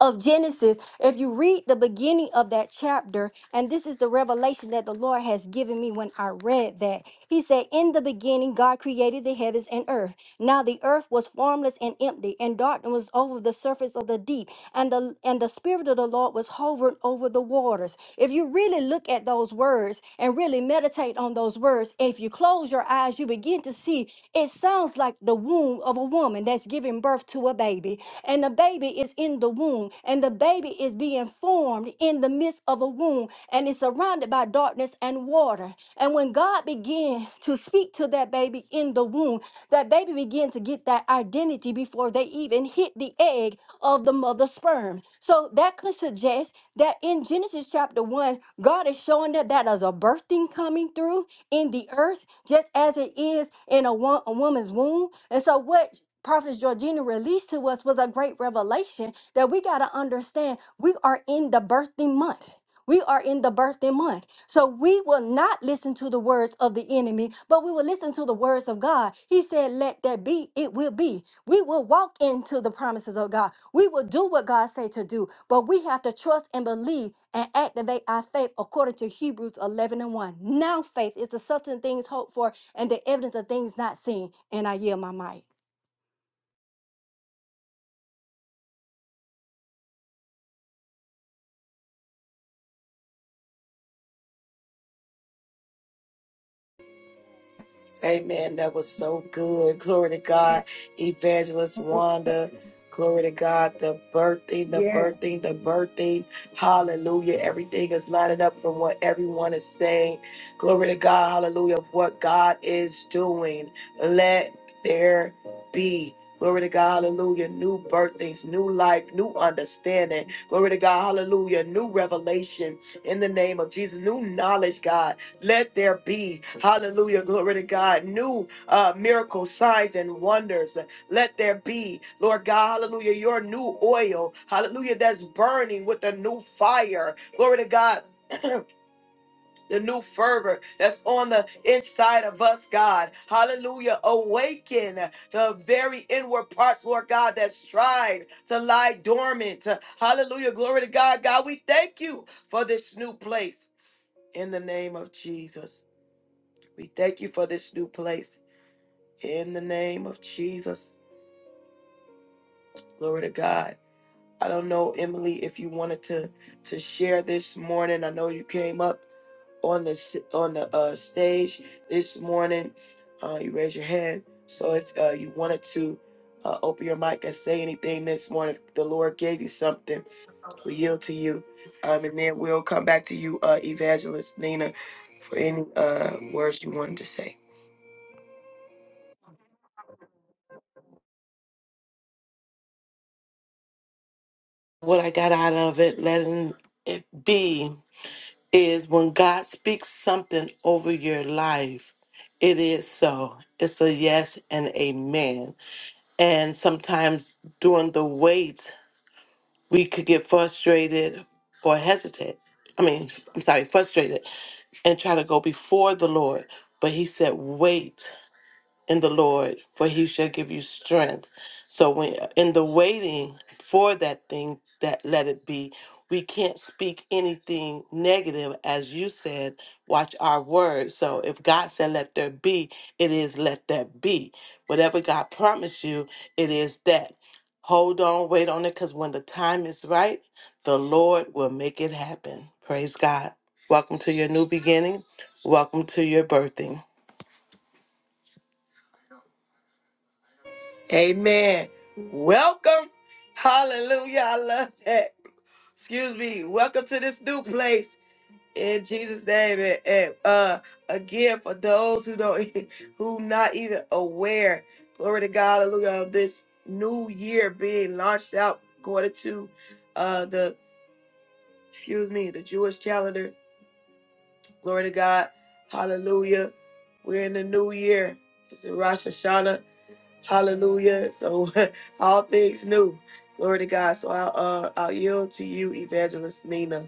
of Genesis, if you read the beginning of that chapter, and this is the revelation that the Lord has given me when I read that, He said, In the beginning, God created the heavens and earth. Now the earth was formless and empty, and darkness was over the surface of the deep, and the and the spirit of the Lord was hovering over the waters. If you really look at those words and really meditate on those words, if you close your eyes, you begin to see it sounds like the womb of a woman that's giving birth to a baby. and the and the baby is in the womb, and the baby is being formed in the midst of a womb, and is surrounded by darkness and water. And when God began to speak to that baby in the womb, that baby began to get that identity before they even hit the egg of the mother's sperm. So that could suggest that in Genesis chapter 1, God is showing that that is a birthing coming through in the earth, just as it is in a, wo- a woman's womb. And so, what Prophetess Georgina released to us was a great revelation that we got to understand we are in the birthing month. We are in the birthing month. So we will not listen to the words of the enemy, but we will listen to the words of God. He said, Let there be, it will be. We will walk into the promises of God. We will do what God say to do, but we have to trust and believe and activate our faith according to Hebrews 11 and 1. Now faith is the substance of things hoped for and the evidence of things not seen. And I yield my mic. Amen. That was so good. Glory to God. Evangelist Wanda. Glory to God. The birthing, the Yes. birthing, the birthing. Hallelujah. Everything is lining up from what everyone is saying. Glory to God. Hallelujah. Of what God is doing. Let there be. Glory to God, hallelujah. New birthings, new life, new understanding. Glory to God, hallelujah. New revelation in the name of Jesus, new knowledge, God. Let there be, hallelujah, glory to God, new uh, miracles, signs, and wonders. Let there be, Lord God, hallelujah, your new oil, hallelujah, that's burning with a new fire. Glory to God. The new fervor that's on the inside of us, God. Hallelujah. Awaken the very inward parts, Lord God, that's tried to lie dormant. Hallelujah. Glory to God. God, we thank you for this new place in the name of Jesus. We thank you for this new place in the name of Jesus. Glory to God. I don't know, Emily, if you wanted to to share this morning. I know you came up on the s- on the uh, stage this morning. Uh, you raised your hand. So if uh, you wanted to uh, open your mic and say anything this morning, if the Lord gave you something We yield to you. Um, and then we'll come back to you, uh, Evangelist Nina, for any uh, words you wanted to say. what I got out of it, letting it be, is when God speaks something over your life, it is so. It's a yes and amen. And sometimes during the wait, we could get frustrated or hesitate. I mean, I'm sorry, frustrated and try to go before the Lord. But He said, wait in the Lord, for he shall give you strength. So when in the waiting for that thing that let it be, we can't speak anything negative as you said, watch our words. So if God said let there be, it is let there be. Whatever God promised you, it is that. Hold on, wait on it cuz when the time is right, the Lord will make it happen. Praise God. Welcome to your new beginning. Welcome to your birthing. Amen. Welcome. Hallelujah. I love that. Excuse me. Welcome to this new place. in Jesus' name, and, and, uh, again for those who don't, who not even aware, glory to God, hallelujah, of this new year being launched out according to uh, the, excuse me, the Jewish calendar. Glory to God, hallelujah. We're in the new year. It's Rosh Hashanah, hallelujah. So all things new, glory to God. So I'll uh, I'll yield to you, Evangelist Nina.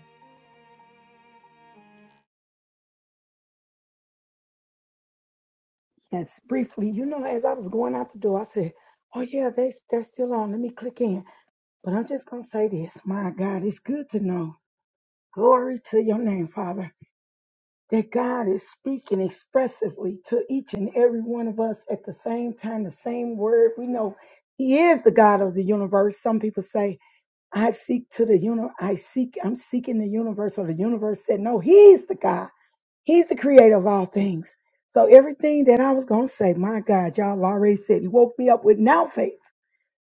Yes, briefly, you know, as I was going out the door, I said, Oh, yeah, they, they're still on. Let me click in. But I'm just going to say this My God, it's good to know. Glory to your name, Father, that God is speaking expressively to each and every one of us at the same time, the same word. We know He is the God of the universe. Some people say, I seek to the universe. I seek, I'm seeking the universe, or the universe said, No, He's the God. He's the creator of all things. So everything that I was going to say, my God, y'all have already said. He woke me up with now faith.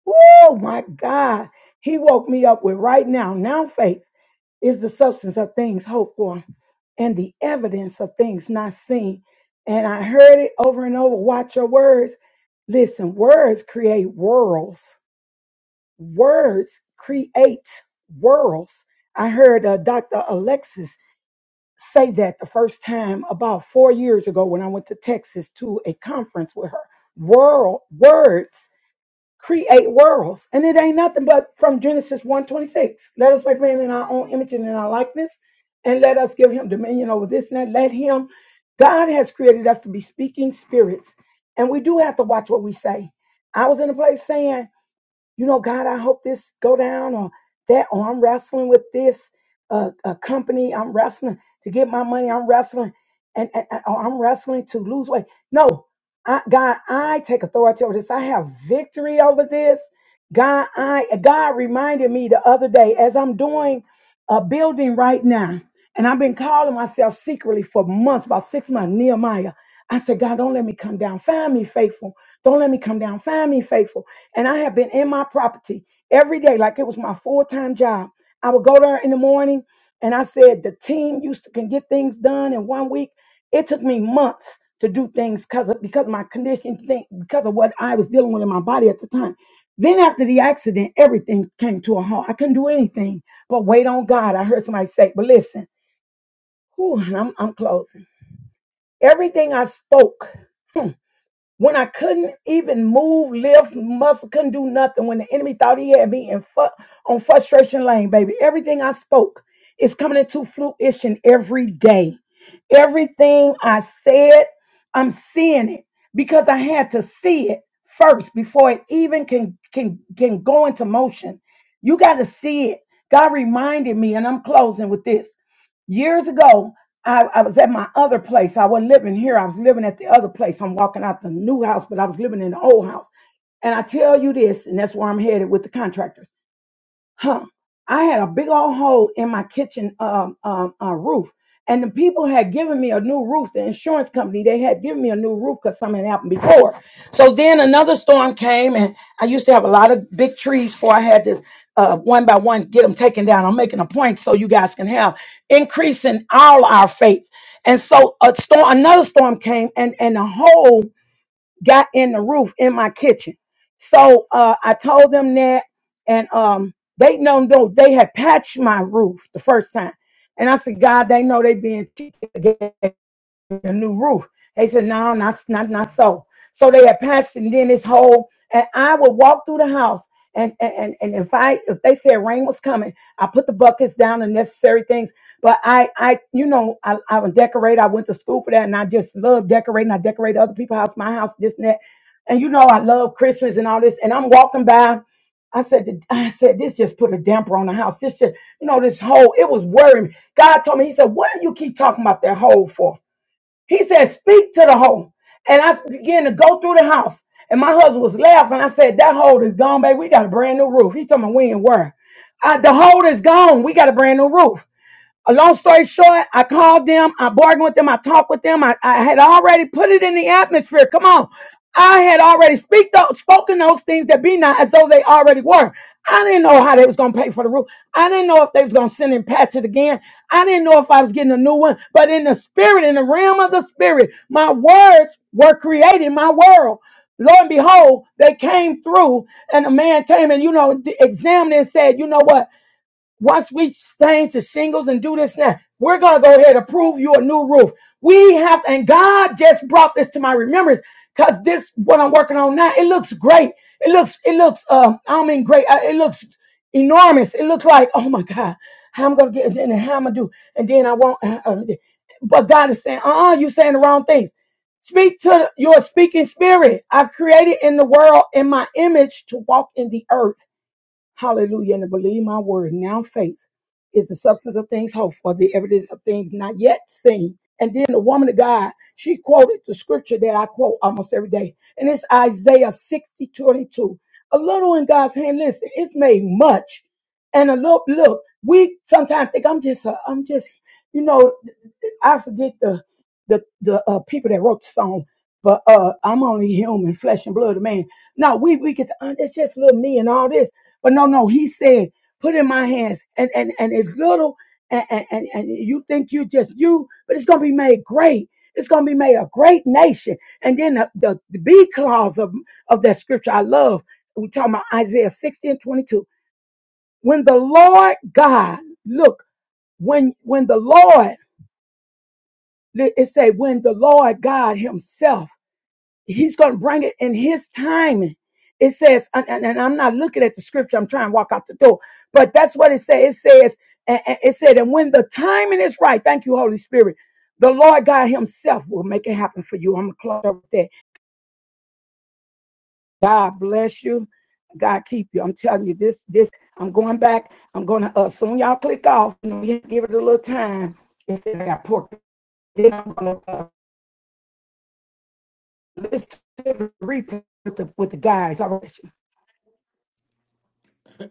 Oh my God. He woke me up with right now. Now faith is the substance of things hoped for and the evidence of things not seen. And I heard it over and over. Watch your words. Listen, words create worlds. Words create worlds. I heard uh, Dr. Alexis say that the first time about four years ago when I went to Texas to a conference with her. World words create worlds, and it ain't nothing but from Genesis one twenty six. Let us make man in our own image and in our likeness, and let us give him dominion over this and that. Let him. God has created us to be speaking spirits, and we do have to watch what we say. I was in a place saying you know, God, I hope this go down or that, or I'm wrestling with this uh, uh, company. I'm wrestling to get my money. I'm wrestling and, and and- or I'm wrestling to lose weight. No, I, God, I take authority over this. I have victory over this. God, I God reminded me the other day as I'm doing a building right now, and I've been calling myself secretly for months, about six months, Nehemiah. I said, God, don't let me come down. Find me faithful. Don't let me come down. Find me faithful. And I have been in my property every day, like it was my full time job. I would go there in the morning, and I said the team used to can get things done in one week. It took me months to do things because of because of my condition, thing, because of what I was dealing with in my body at the time. Then after the accident, everything came to a halt. I couldn't do anything but wait on God. I heard somebody say, "But listen, whew, and I'm I'm closing." Everything I spoke when I couldn't even move, lift, muscle, couldn't do nothing, when the enemy thought he had me in fu- on frustration lane, baby, everything I spoke is coming into fruition every day. Everything I said, I'm seeing it because I had to see it first before it even can can can go into motion. You got to see it. God reminded me, and I'm closing with this years ago I, I was at my other place i wasn't living here i was living at the other place i'm walking out the new house but i was living in the old house and i tell you this and that's where i'm headed with the contractors huh, I had a big old hole in my kitchen um, um, uh, roof. And the people had given me a new roof. The insurance company, they had given me a new roof because something had happened before. So then another storm came, and I used to have a lot of big trees before I had to, uh, one by one, get them taken down. I'm making a point so you guys can have increasing all our faith. And so a storm, another storm came, and, and a hole got in the roof in my kitchen. So uh, I told them that, and um, they know no they had patched my roof the first time, and I said, God, they know they being cheated again a new roof. They said, no, not, not, not so. So they had patched and then this hole. and I would walk through the house. And, and, and if I if they said rain was coming, I put the buckets down and necessary things. But I I you know I I would decorate. I went to school for that, and I just love decorating. I decorate other people's house, my house, this and that. And you know I love Christmas and all this. And I'm walking by, I said to- I said this just put a damper on the house. This just you know this hole. it was worrying. me. God told me He said, "What do you keep talking about that hole for?" He said, Speak to the hole. And I began to go through the house. And my husband was laughing. I said, That hole is gone, baby. We got a brand new roof. He told me, We ain't worried. I, the hole is gone. We got a brand new roof. A long story short, I called them, I bargained with them, I talked with them. I, I had already put it in the atmosphere. Come on. I had already speak those, spoken those things that be not as though they already were. I didn't know how they was gonna pay for the roof. I didn't know if they was gonna send and patch it again. I didn't know if I was getting a new one. But in the spirit, in the realm of the spirit, my words were creating my world. Lo and behold, they came through, and a man came and you know d- examined and said, you know what? once we change to shingles and do this now, we're gonna go ahead and approve you a new roof. We have, and God just brought this to my remembrance because this what I'm working on now. It looks great. It looks, it looks, um, I mean, great. Uh, It looks enormous. It looks like, oh my God, how I'm gonna get, and how I'm gonna do, and then I won't. Uh, uh, but God is saying, uh-uh, you're saying the wrong things. Speak to your speaking spirit. I've created in the world in my image to walk in the earth. Hallelujah. And to believe my word. Now faith is the substance of things hoped for, the evidence of things not yet seen. And then the woman of God, she quoted the scripture that I quote almost every day. And it's Isaiah 60 22. A little in God's hand, listen, it's made much. And a little, look, we sometimes think I'm just, a, I'm just, you know, I forget the the the uh, people that wrote the song, but uh, I'm only human, flesh and blood, of man. No, we we get to uh, that's just little me and all this, but no, no, he said, put in my hands, and and and it's little, and and and, and you think you just you, but it's gonna be made great. It's gonna be made a great nation, and then the, the, the B clause of of that scripture I love. We talking about Isaiah 60 and 22. When the Lord God look when when the Lord Li- It say when the Lord God Himself, He's going to bring it in His timing. It says, and, and- and I'm not looking at the scripture. I'm trying to walk out the door, but that's what it says. It says, and it said, and when the timing is right, thank you, Holy Spirit. The Lord God Himself will make it happen for you. I'm gonna close up with that. God bless you. God keep you. I'm telling you this. This. I'm going back. I'm gonna uh, soon. Y'all click off. You know, you give it a little time. It said I got pork. Then I'm gonna. uh, Listen to the replay with the, with the guys. I want you,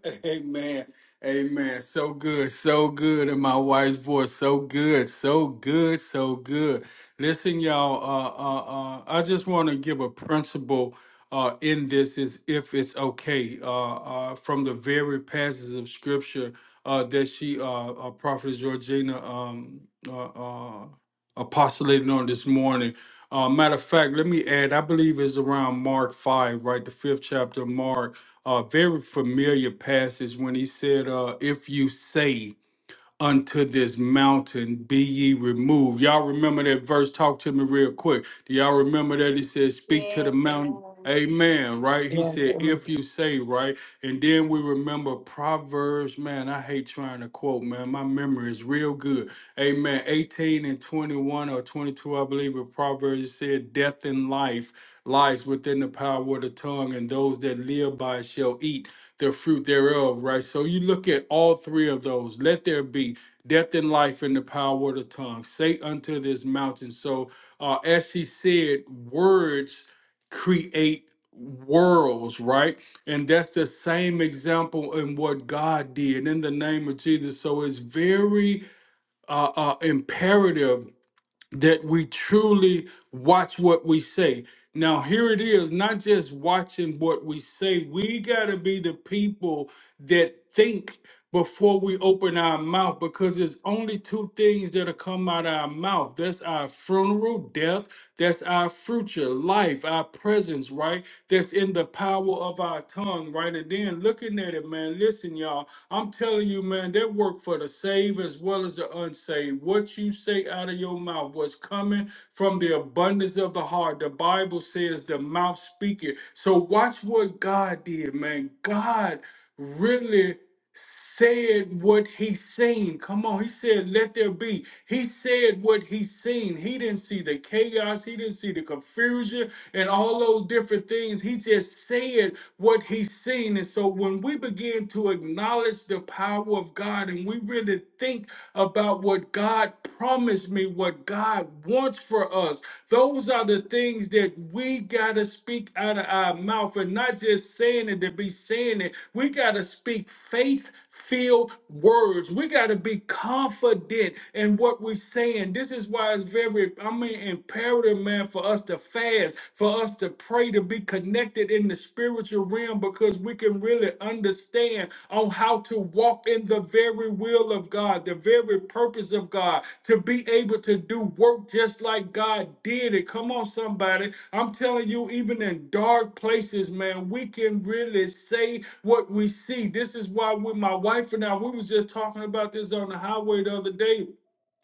Amen. Amen. So good. So good in my wife's voice. So good. So good. So good. Listen, y'all, uh, uh, uh, I just want to give a principle uh, in this is if it's okay uh, uh, from the very passages of scripture uh, that she, uh, uh, Prophet Georgina, um, uh, uh, apostolated on this morning. Uh, matter of fact, let me add, I believe it's around Mark 5, right? The fifth chapter of Mark uh, very familiar passage when he said, uh, "If you say." unto this mountain be ye removed. Y'all remember that verse? Talk to me real quick. Do y'all remember that he says, Speak to the Yes, mountain? amen. Amen, right? He Yes, said, amen. if you say, right? And then we remember Proverbs, man, I hate trying to quote, man. My memory is real good. Amen. 18 and 21 or 22, I believe, of Proverbs said, Death and life lies within the power of the tongue, and those that live by it shall eat the fruit thereof, right? So you look at all three of those. Let there be death and life in the power of the tongue. Say unto this mountain. So, uh, as she said, words create worlds, right? And that's the same example in what God did in the name of Jesus. So it's very uh, uh, imperative that we truly watch what we say. Now, here it is, not just watching what we say, we got to be the people that think before we open our mouth because there's only two things that'll come out of our mouth that's our funeral death that's our future life our presence right that's in the power of off our tongue, right? And then looking at it, man, listen, y'all, I'm telling you, man, that work for the saved as well as the unsaved. What you say out of your mouth was coming from the abundance of the heart. The Bible says the mouth speaketh. So watch what God did, man. God really said what he seen. Come on, he said, let there be. He said what he seen. He didn't see the chaos, he didn't see the confusion and all those different things. He just said what he seen. And so when we begin to acknowledge the power of God and we really think about what God promised me, what God wants wants for us. Those are the things that we got to speak out of our mouth and not just saying it to be saying it. We got to speak faith filled words. We got to be confident in what we're saying. This is why it's very, I mean, imperative, man, for us to fast, for us to pray, to be connected in the spiritual realm because because we can really understand on how to walk in the very will of God, the very purpose of God, to be able to do work just like God did it. Come on, somebody. I'm telling you, even in dark places, man, we can really say what we see. This is why with my wife and I, we was just talking about this on the highway the other day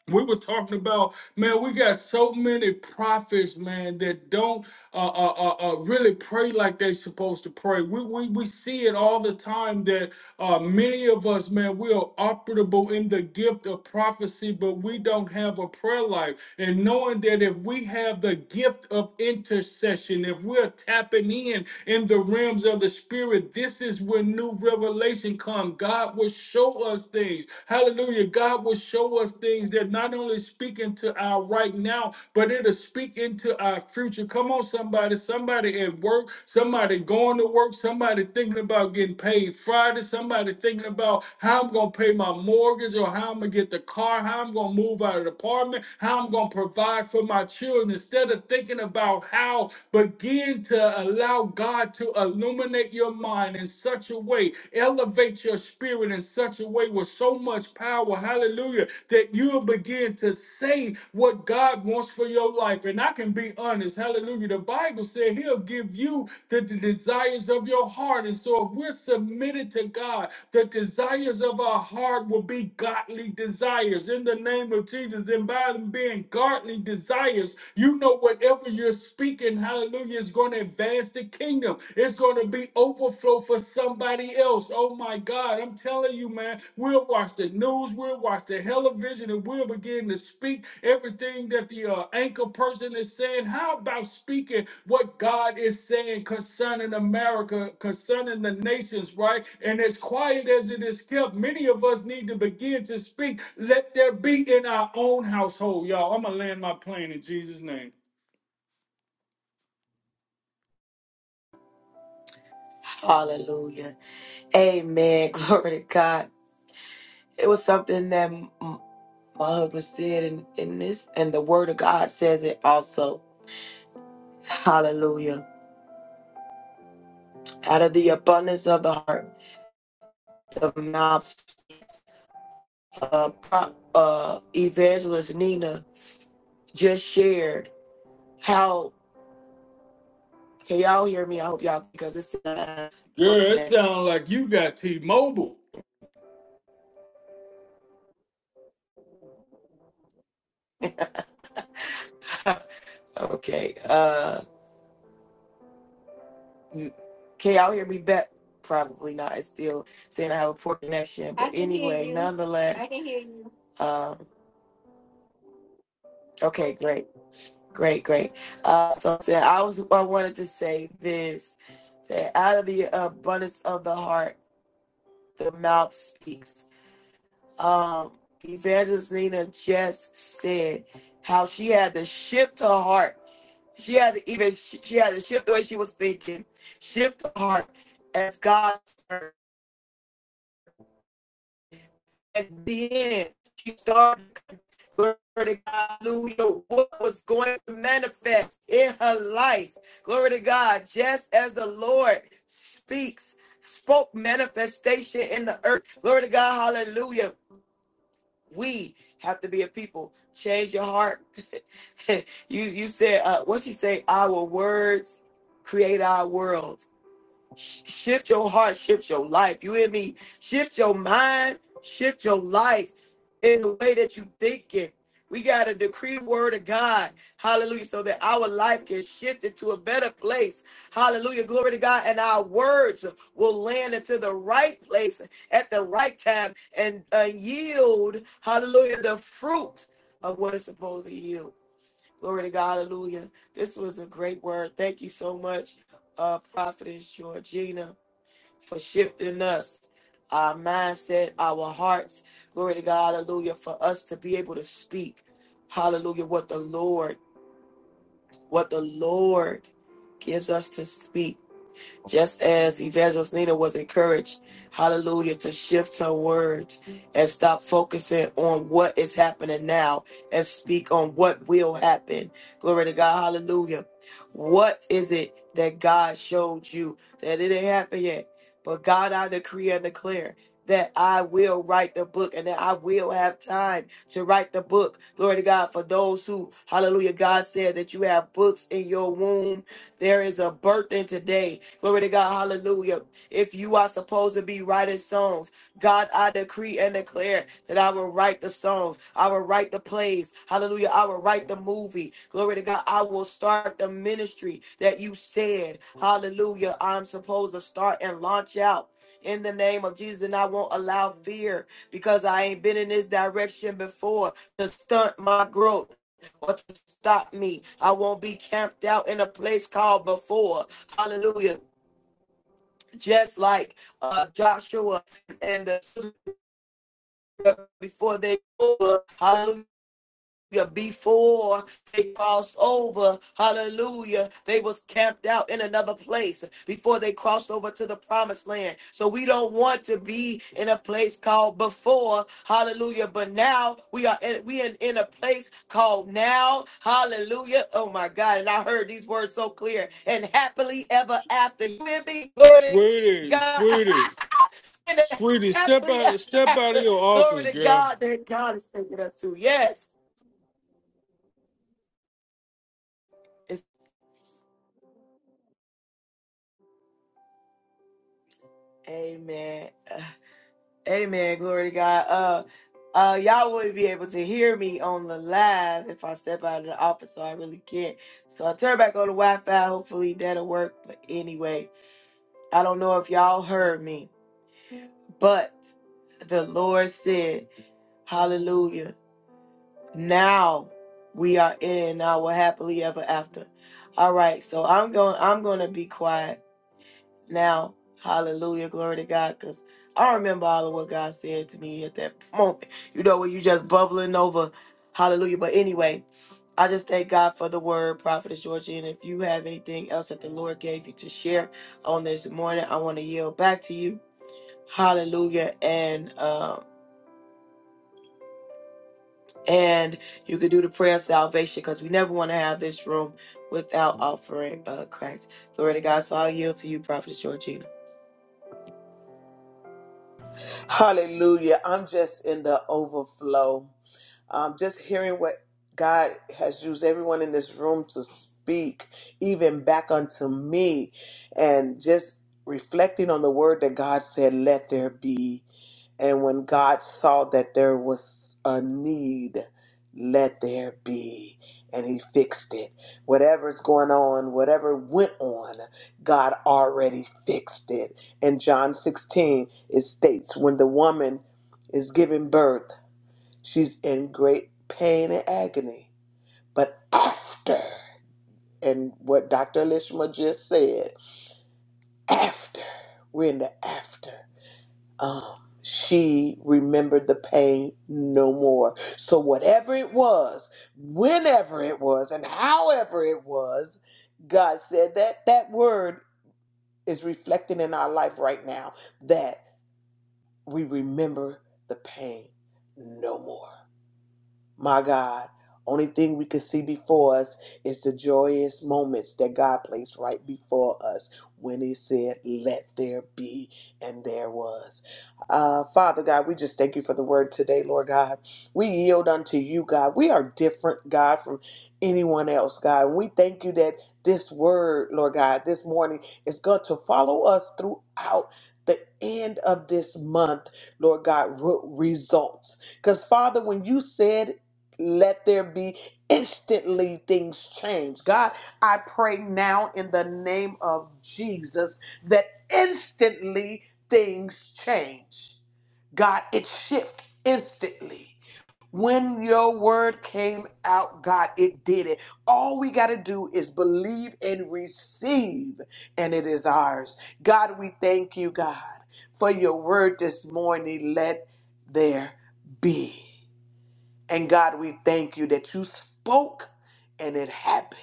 we were talking about man we got so many prophets man that don't uh, uh, uh, uh, really pray like they supposed to pray we, we, we see it all the time that uh, many of us man we are operable in the gift of prophecy but we don't have a prayer life and knowing that if we have the gift of intercession if we're tapping in in the realms of the spirit this is where new revelation come god will show us us things. Hallelujah. God will show us things that not only speak into our right now, but it'll speak into our future. Come on, somebody. Somebody at work, somebody going to work, somebody thinking about getting paid Friday, somebody thinking about how I'm going to pay my mortgage or how I'm going to get the car, how I'm going to move out of the apartment, how I'm going to provide for my children. Instead of thinking about how, begin to allow God to illuminate your mind in such such a way, elevate your spirit in such a way with so much power, hallelujah, that you'll begin to say what God wants for your life. And I can be honest, hallelujah. The Bible said He'll give you the, the desires of your heart. And so if we're submitted to God, the desires of our heart will be godly desires in the name of Jesus. And by them being godly desires, you know whatever you're speaking, hallelujah, is going to advance it's the kingdom. It's going to be overflow for somebody else. Oh my God. I'm telling you, man, we'll watch the news, we'll watch the television, and we'll begin to speak everything that the uh, anchor person is saying. How about speaking what God is saying concerning America, concerning the nations, right? And as quiet as it is kept, many of us need to begin to speak. Let there be in our own household, y'all. I'm going to land my plane in Jesus' name. Hallelujah. Amen. Glory to God. It was something that m- my husband said, and in this, and the Word of God says it also. Hallelujah. Out of the abundance of the heart, the mouth, uh, pro- uh, evangelist Nina just shared how. Can y'all hear me? I hope y'all because it's a poor Girl, it connection. sounds like you got T Mobile. Okay. uh, you can y'all hear me back? Probably not. It's still saying I have a poor connection. I But can hear anyway, you. I nonetheless, can hear you. um, okay, great, great, great. Uh, so I said I was I wanted to say this that out of the abundance of the heart, the mouth speaks. Um, Evangelist Nina just said how she had to shift her heart. She had to even she had to shift the way she was thinking, shift her heart as God. at the end, she started glory to God, hallelujah, what was going to manifest in her life. Glory to God, just as the Lord speaks, spoke manifestation in the earth. Glory to God, hallelujah. We have to be a people. Change your heart. you you said uh, what she say? Our words create our world. Shift your heart, shift your life. You hear me? Shift your mind, shift your life in the way that you think it. We got to decree word of God. Hallelujah. So that our life can shift into a better place. Hallelujah. Glory to God. And our words will land into the right place at the right time and uh, yield, hallelujah, the fruit of what it's supposed to yield. Glory to God. Hallelujah. This was a great word. Thank you so much, uh, Prophetess Georgina, for shifting us, our mindset, our hearts. Glory to God. Hallelujah. For us to be able to speak. Hallelujah. What the Lord, what the Lord gives us to speak just as Evangelist Nina was encouraged, hallelujah, to shift her words and stop focusing on what is happening now and speak on what will happen. Glory to God, hallelujah. What is it that God showed you that it didn't happen yet? But God, I decree and declare that I will write the book and that I will have time to write the book. Glory to God for those who, hallelujah, God said that you have books in your womb there is a birthing today. Glory to God. Hallelujah. If you are supposed to be writing songs, God, I decree and declare that I will write the songs. I will write the plays. Hallelujah. I will write the movie. Glory to God. I will start the ministry that you said. Hallelujah. I'm supposed to start and launch out. In the name of Jesus, and I won't allow fear because I ain't been in this direction before to stunt my growth what to stop me. I won't be camped out in a place called before. Hallelujah. Just like uh, Joshua and the before they go, Hallelujah. Before they crossed over, hallelujah, they was camped out in another place before they crossed over to the promised land. So we don't want to be in a place called before, hallelujah, but now we are in, we in, in a place called now, hallelujah. Oh my God, and I heard these words so clear and happily ever after. You hear me? Glory to Sweetie, God. sweetie, and sweetie, step happily out, ever step out after. of your Glory office, to girl. God that God is taking us to. Yes. Amen. Amen. Glory to God. Uh uh y'all wouldn't be able to hear me on the live if I step out of the office, so I really can't. So I turn back on the Wi-Fi. Hopefully that'll work. But anyway, I don't know if y'all heard me, but the Lord said, Hallelujah. Now we are in our happily ever after. All right, so I'm going I'm gonna be quiet now. Hallelujah. Glory to God. Because I remember all of what God said to me at that moment. You know, when you just bubbling over. Hallelujah. But anyway, I just thank God for the word, Prophetess Georgie. And if you have anything else that the Lord gave you to share on this morning, I want to yield back to you. Hallelujah. And um, and you can do the prayer of salvation because we never want to have this room without offering uh Christ. Glory to God. So I'll yield to you, Prophetess Georgina. Hallelujah. I'm just in the overflow um, just hearing what God has used everyone in this room to speak, even back unto me, and just reflecting on the word that God said, let there be. And when God saw that there was a need, let there be. And he fixed it. Whatever's going on, whatever went on, God already fixed it. In John 16, it states when the woman is giving birth, She's in great pain and agony. But after, and what Dr. Lishma just said, after, we're in the after. Um, she remembered the pain no more. So whatever it was, whenever it was, and however it was, God said that that word is reflecting in our life right now that we remember the pain no more. My God, only thing we could see before us is the joyous moments that God placed right before us when He said, Let there be, and there was. Uh, Father God, we just thank you for the word today, Lord God. We yield unto you, God. We are different, God, from anyone else, God. And we thank you that this word, Lord God, this morning is going to follow us throughout the end of this month, Lord God, re- results. Because, Father, when you said let there be instantly things change. God, I pray now in the name of Jesus that instantly things change. God, it shift instantly. When your word came out, God, it did it. All we got to do is believe and receive, and it is ours. God, we thank you, God, for your word this morning. Let there be. And God, we thank you that you spoke and it happened.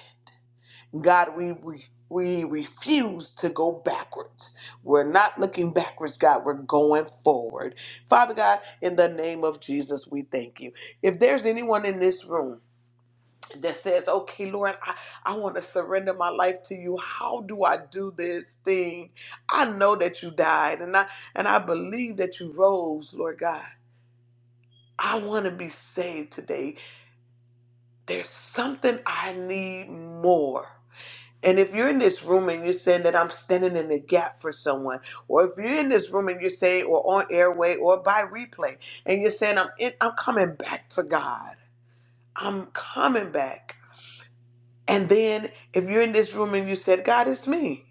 God, we we we refuse to go backwards. We're not looking backwards, God. We're going forward. Father God, in the name of Jesus, we thank you. If there's anyone in this room that says, okay, Lord, I, I want to surrender my life to you. How do I do this thing? I know that you died and I and I believe that you rose, Lord God. I want to be saved today. there's something I need more. And if you're in this room and you're saying that I'm standing in the gap for someone, or if you're in this room and you're saying, or on airway or by replay, and you're saying I'm in, I'm coming back to God, I'm coming back. And then if you're in this room and you said, God, it's me.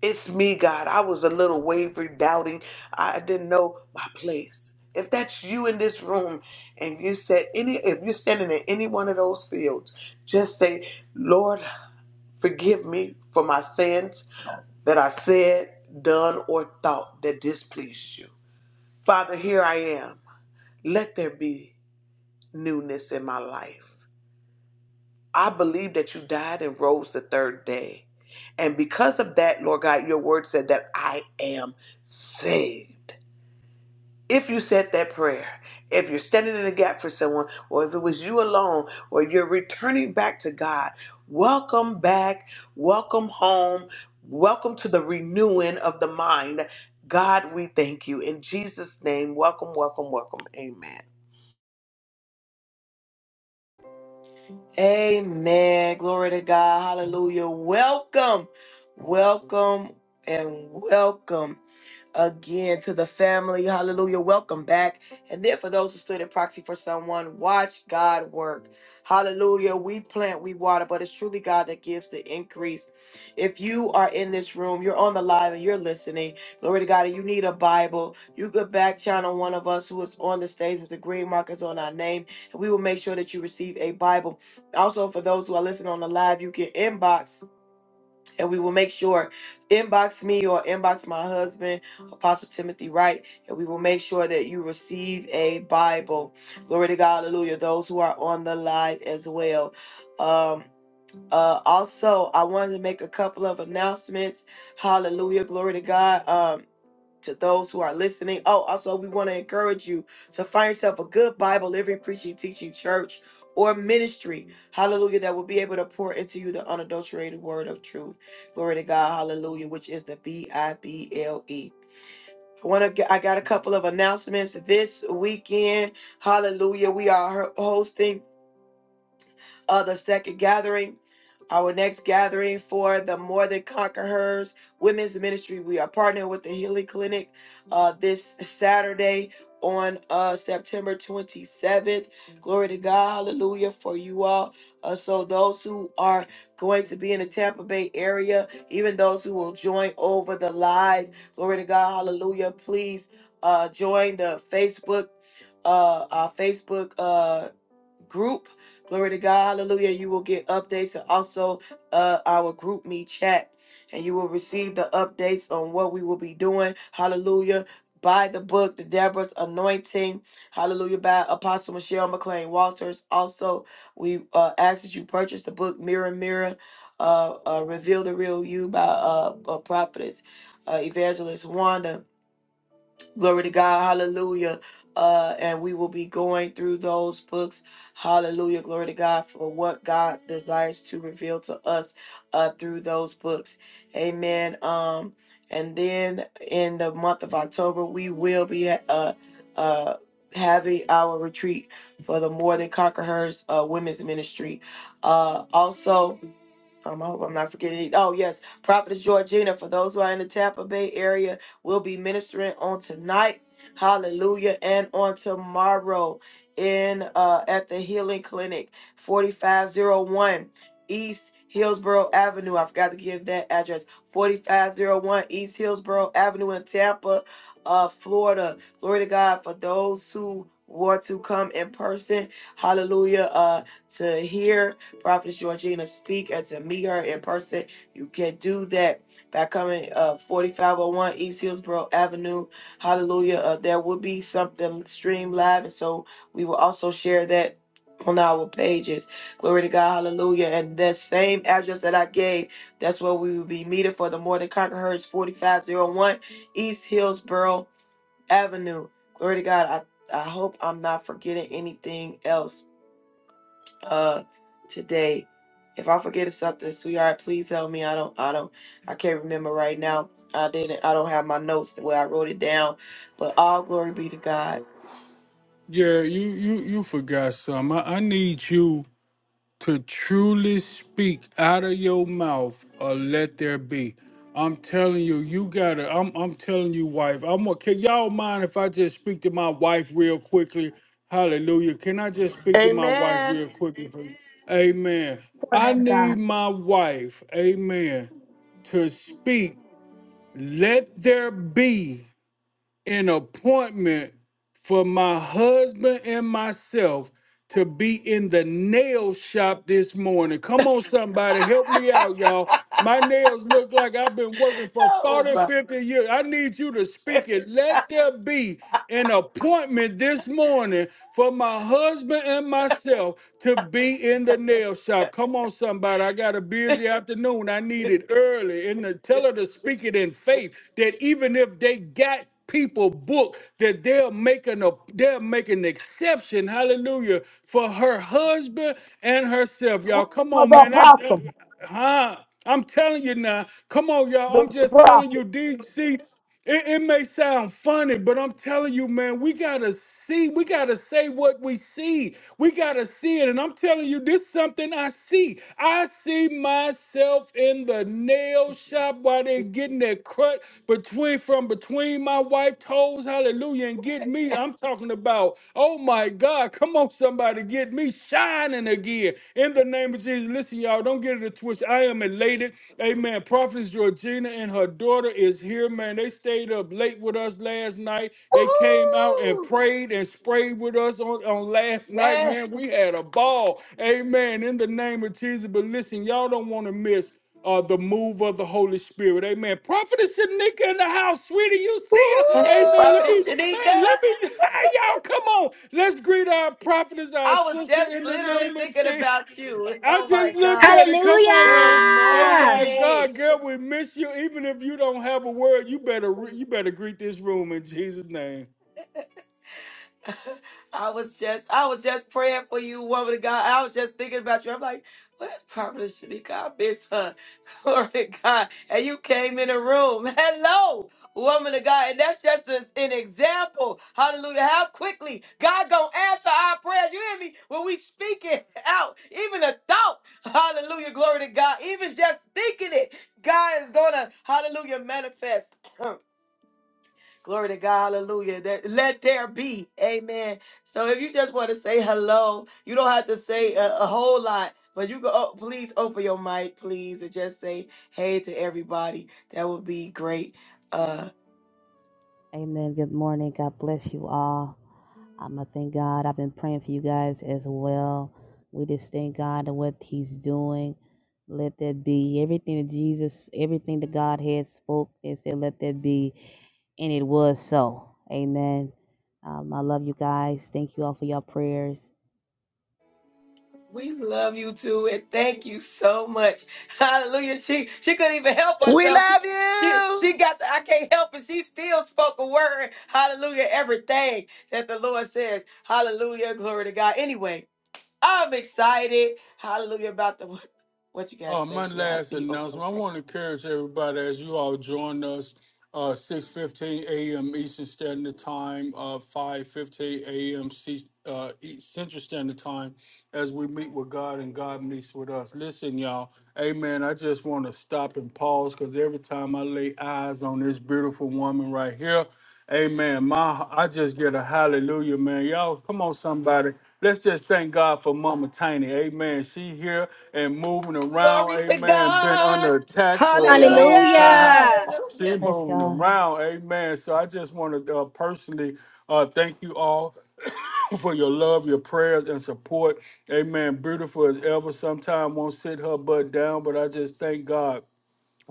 It's me, God. I was a little wavering, doubting. I didn't know my place. If that's you in this room and you said any if you're standing in any one of those fields, just say, Lord, forgive me for my sins that I said, done, or thought that displeased you. Father, here I am. Let there be newness in my life. I believe that you died and rose the third day. And because of that, Lord God, your word said that I am saved. If you said that prayer, if you're standing in the gap for someone, or if it was you alone, or you're returning back to God, welcome back, welcome home, welcome to the renewing of the mind. God, we thank you. In Jesus' name, welcome, welcome, welcome. Amen. Amen. Glory to God. Hallelujah. Welcome. Welcome and welcome again to the family. Hallelujah. Welcome back. And then for those who stood in proxy for someone, watch God work. Hallelujah. We plant, we water, but it's truly God that gives the increase. If you are in this room, you're on the live and you're listening, glory to God, and you need a Bible, you could back channel one of us who is on the stage with the green markers on our name, and we will make sure that you receive a Bible. Also, for those who are listening on the live, you can inbox and we will make sure inbox me or inbox my husband apostle timothy wright and we will make sure that you receive a bible glory to god hallelujah those who are on the live as well um uh also i wanted to make a couple of announcements hallelujah glory to god Um, to those who are listening. Oh, also, we want to encourage you to find yourself a good Bible, living, preaching, teaching church or ministry. Hallelujah. That will be able to pour into you the unadulterated word of truth. Glory to God. Hallelujah. Which is the B I B L E. I want to get, I got a couple of announcements this weekend. Hallelujah. We are her- hosting of the second gathering. Our next gathering for the More Than Conquerors Women's Ministry. We are partnering with the Healing Clinic uh, this Saturday on uh, September 27th. Glory to God. Hallelujah for you all. Uh, so, those who are going to be in the Tampa Bay area, even those who will join over the live, glory to God. Hallelujah. Please uh, join the Facebook. Uh, our Facebook. uh, group. Glory to God. Hallelujah. You will get updates and also uh, our group me chat. And you will receive the updates on what we will be doing. Hallelujah. By the book, The Deborah's Anointing. Hallelujah. By Apostle Michelle McLean Walters. Also, we uh, ask that you purchase the book Mirror, Mirror, uh, uh, Reveal the Real You by uh, uh, Prophetess uh, Evangelist Wanda Glory to God. Hallelujah. Uh, and we will be going through those books. Hallelujah. Glory to God for what God desires to reveal to us uh, through those books. Amen. Um, and then in the month of October, we will be uh, uh, having our retreat for the More Than Conquerors uh, Women's Ministry. Uh, also, um, I hope I'm not forgetting. any- Oh, yes. Prophetess Georgina, for those who are in the Tampa Bay area, will be ministering on tonight. Hallelujah. And on tomorrow in uh at the Healing Clinic, 4501 East Hillsborough Avenue. I forgot to give that address. 4501 East Hillsborough Avenue in Tampa, uh, Florida. Glory to God for those who want to come in person. Hallelujah. Uh to hear. Prophetess Georgina, speak and to meet her in person. You can do that by coming uh 4501 East Hillsborough Avenue. Hallelujah. Uh, there will be something streamed live, and so we will also share that on our pages. Glory to God, hallelujah. And that same address that I gave, that's where we will be meeting for the More Than Conquerors 4501 East Hillsborough Avenue. Glory to God. I, I hope I'm not forgetting anything else uh today. If I forget something, sweetheart, please help me. I don't I don't I can't remember right now. I didn't I don't have my notes where I wrote it down. But all glory be to God. Yeah, you, you, you forgot something. I, I need you to truly speak out of your mouth, or let there be. I'm telling you, you gotta. I'm, I'm telling you, wife. I'm. gonna- Can y'all mind if I just speak to my wife real quickly? Hallelujah. Can I just speak to my wife Amen. real quickly? For, amen. for I man of need God. my wife. Amen. To speak. Let there be an appointment for my husband and myself to be in the nail shop this morning. Come on, somebody, help me out, y'all. My nails look like I've been working for 40, 50 years. I need you to speak it. Let there be an appointment this morning for my husband and myself to be in the nail shop. Come on, somebody. I got a busy afternoon. I need it early. And to tell her to speak it in faith that even if they got people book that they're making a they're making an exception hallelujah for her husband and herself y'all Room come for on the man i apostle, j- huh i'm telling you now come on y'all the i'm just telling prophet. you dc it, it may sound funny, but I'm telling you, man, we gotta see, we gotta say what we see. We gotta see it. And I'm telling you, this something something I see. I see myself in the nail shop while they're getting that cut between from between my wife toes. Hallelujah. And get me. I'm talking about, oh my God, come on, somebody, get me shining again. In the name of Jesus. Listen, y'all, don't get it a twist. I am elated. Amen. Prophetess Georgina and her daughter is here, man. They stayed up late late with us last night. They came out and Woohoo! prayed and sprayed with us on, on last night, Yeah. man. We had a ball. Amen. In the name of Jesus. But listen, y'all don't want to miss uh, the move of the Holy Spirit. Amen. Prophetess Shanika in the house, sweetie. You see Hey, her. Amen. Let Woohoo! me, Prophetess man, Shanika. let me, hi, y'all. Come on. Let's greet our prophetess, our I was sister, just in the literally name of thinking Jesus. about you. I Oh my just looked God. at it. Come on, Good man. Hey, Hello. my morning. God, girl, we miss you. Even if you don't have a word, you better re- you better greet this room in Jesus' name. I was just, I was just praying for you, woman of God. I was just thinking about you. I'm like, where's Prophet Shanika? I miss her. Glory to God. And you came in the room. Hello, woman of God. And that's just as an example. Hallelujah. How quickly God gonna answer our prayers. You hear me? When we speak it out, even a thought. Hallelujah. Glory to God. Even just thinking it, God is gonna, hallelujah, manifest. Glory to God, hallelujah. That let there be, amen. So if you just want to say hello, you don't have to say a, a whole lot, but you go. Oh, please open your mic, please, and just say hey to everybody. That would be great. Uh, Amen. Good morning. God bless you all. Um, I thank God. I've been praying for you guys as well. We just thank God and what He's doing. Let that be everything that Jesus, everything that God had spoke and said, let that be. And it was so. Amen. Um, I love you guys. Thank you all for your prayers. we love you too, and thank you so much. Hallelujah. She she couldn't even help We herself. She, love she, you. she got the I can't help it. She still spoke a word. Hallelujah. Everything that the Lord says. Hallelujah. Glory to God. Anyway, I'm excited. Hallelujah about the what, what you got to Uh, say, my sweetheart. I last see you open the announcement. I mic. want to encourage everybody as you all join us, uh, six fifteen a.m. Eastern Standard Time, uh, five fifteen a.m. uh, E- Central Standard Time, as we meet with God and God meets with us. Listen, y'all. Amen. I just want to stop and pause because every time I lay eyes on this beautiful woman right here. Amen. My, I just get a hallelujah, man. Y'all, come on, somebody. Let's just thank God for Mama Tiny. Amen. She here and moving around. Glory to Amen. Been God. under attack for a long time. Hallelujah. She Hallelujah. Praise moving God. around. Amen. So I just want to uh, personally uh, thank you all for your love, your prayers, and support. Amen. Beautiful as ever. sometime won't sit her butt down, but I just thank God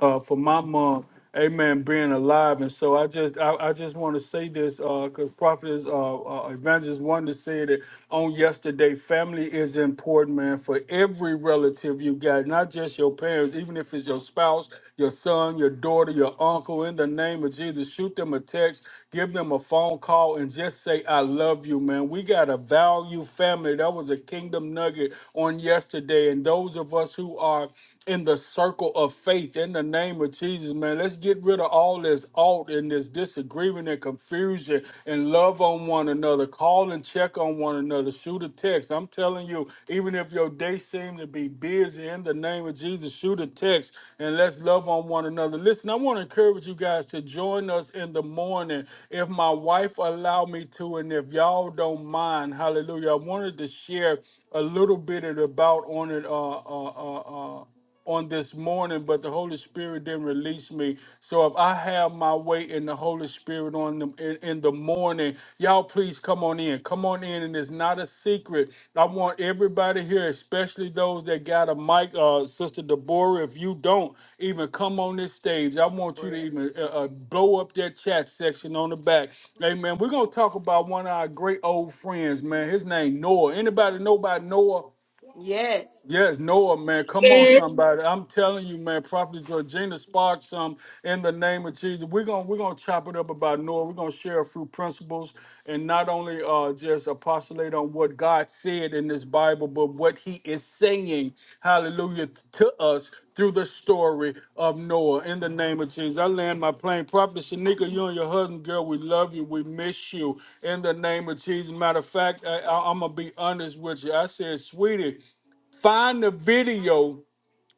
uh, for my mom, amen, being alive. And so I just I, I just want to say this because Prophet is, uh, uh, Evangelist Wonder said it on yesterday. Family is important, man, for every relative you got, not just your parents, even if it's your spouse, your son, your daughter, your uncle. In the name of Jesus, shoot them a text, give them a phone call, and just say, I love you, man. We got to value family. That was a kingdom nugget on yesterday. And those of us who are in the circle of faith in the name of Jesus, man. Let's get rid of all this alt and this disagreement and confusion and love on one another. Call and check on one another. Shoot a text. I'm telling you, even if your day seems to be busy in the name of Jesus, shoot a text and let's love on one another. Listen, I want to encourage you guys to join us in the morning if my wife allow me to and if y'all don't mind. Hallelujah. I wanted to share a little bit about on it uh uh uh uh on this morning, but the Holy Spirit didn't release me. So if I have my way in the Holy Spirit on them in, in the morning, y'all please come on in. Come on in, and it's not a secret. I want everybody here, especially those that got a mic. Uh, Sister Deborah, if you don't even come on this stage, I want you to Prayer. even uh, uh, blow up that chat section on the back. Amen. We're gonna talk about one of our great old friends, man. His name Noah. Anybody know about Noah? Yes. Yes, Noah, man. Come on, Yes. somebody. I'm telling you, man, Prophet Georgina sparked some in the name of Jesus. We're gonna we're gonna chop it up about Noah. We're gonna share a few principles and not only uh just apostolate on what God said in this Bible, but what he is saying, hallelujah, to us through the story of Noah in the name of Jesus. I land my plane. Prophet Shanika, you and your husband, girl, we love you. We miss you in the name of Jesus. Matter of fact, I, I, I'm going to be honest with you. I said, sweetie, Find the video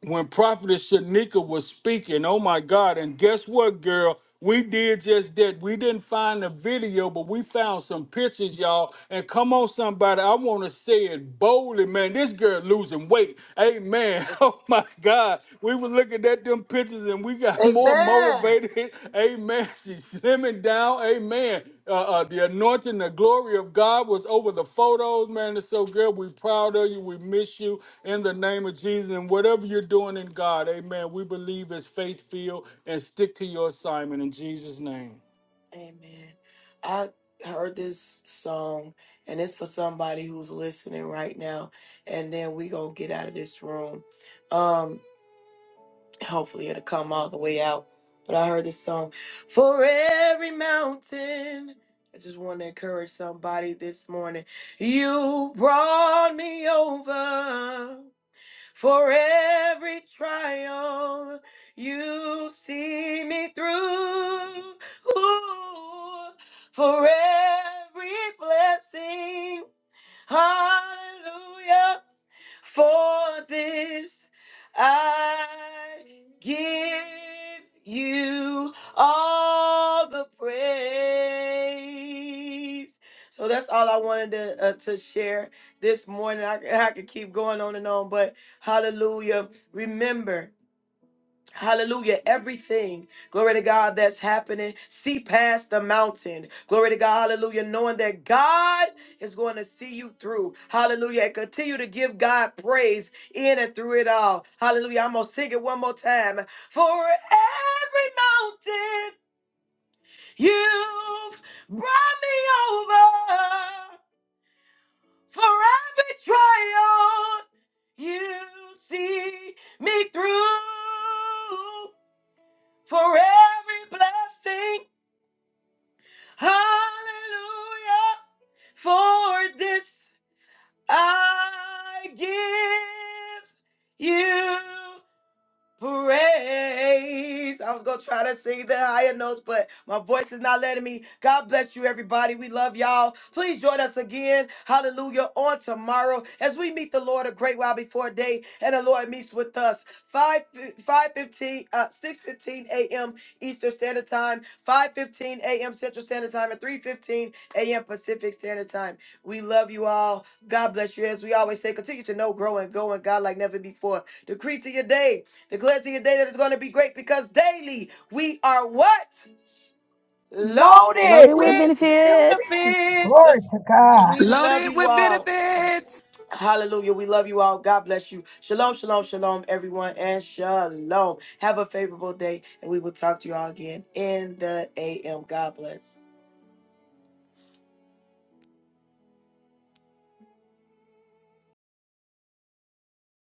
when Prophetess Shanika was speaking. Oh my God. And guess what, girl? We did just that. We didn't find the video, but we found some pictures, y'all. And come on, somebody. I want to say it boldly, man. This girl losing weight. Amen. Oh my God. We were looking at them pictures and we got more Amen. motivated. Amen. She's slimming down. Amen. Uh, uh, the anointing, the glory of God was over the photos, man. It's so good. We are proud of you. We miss you in the name of Jesus. And whatever you're doing in God, amen, we believe is faith filled and stick to your assignment in Jesus' name. Amen. I heard this song, and it's for somebody who's listening right now. And then we gonna get out of this room. Um. Hopefully it'll come all the way out. But I heard this song, For Every Mountain. I just want to encourage somebody this morning. You brought me over for every trial. You see me through. Ooh, for every blessing. Hallelujah. For this I give you all the praise. So that's all I wanted to uh, to share this morning. I, I could keep going on and on, but hallelujah. Remember. Hallelujah. Everything, glory to God, that's happening. See past the mountain. Glory to God. Hallelujah. Knowing that God is going to see you through. Hallelujah. And continue to give God praise in and through it all. Hallelujah. I'm going to sing it one more time. For every mountain you've brought me over, for every trial you see me through for every blessing. Hallelujah. For this I give you Praise. I was going to try to sing the higher notes, but my voice is not letting me. God bless you, everybody. We love y'all. Please join us again. Hallelujah. On tomorrow, as we meet the Lord a great while before day, and the Lord meets with us. 5 five fifteen, uh, six fifteen a.m. Eastern Standard Time, five fifteen a.m. Central Standard Time, and three fifteen a.m. Pacific Standard Time. We love you all. God bless you. As we always say, continue to know, grow, and go in God like never before. Decree to your day. Declares to your day that is going to be great because daily we are what? Loaded Loaded Loaded with with with benefits. this. Glory benefits. to God. We love Loaded you with all. benefits. Hallelujah. We love you all. God bless you. Shalom, shalom, shalom, everyone, and shalom. Have a favorable day, and we will talk to you all again in the AM. God bless.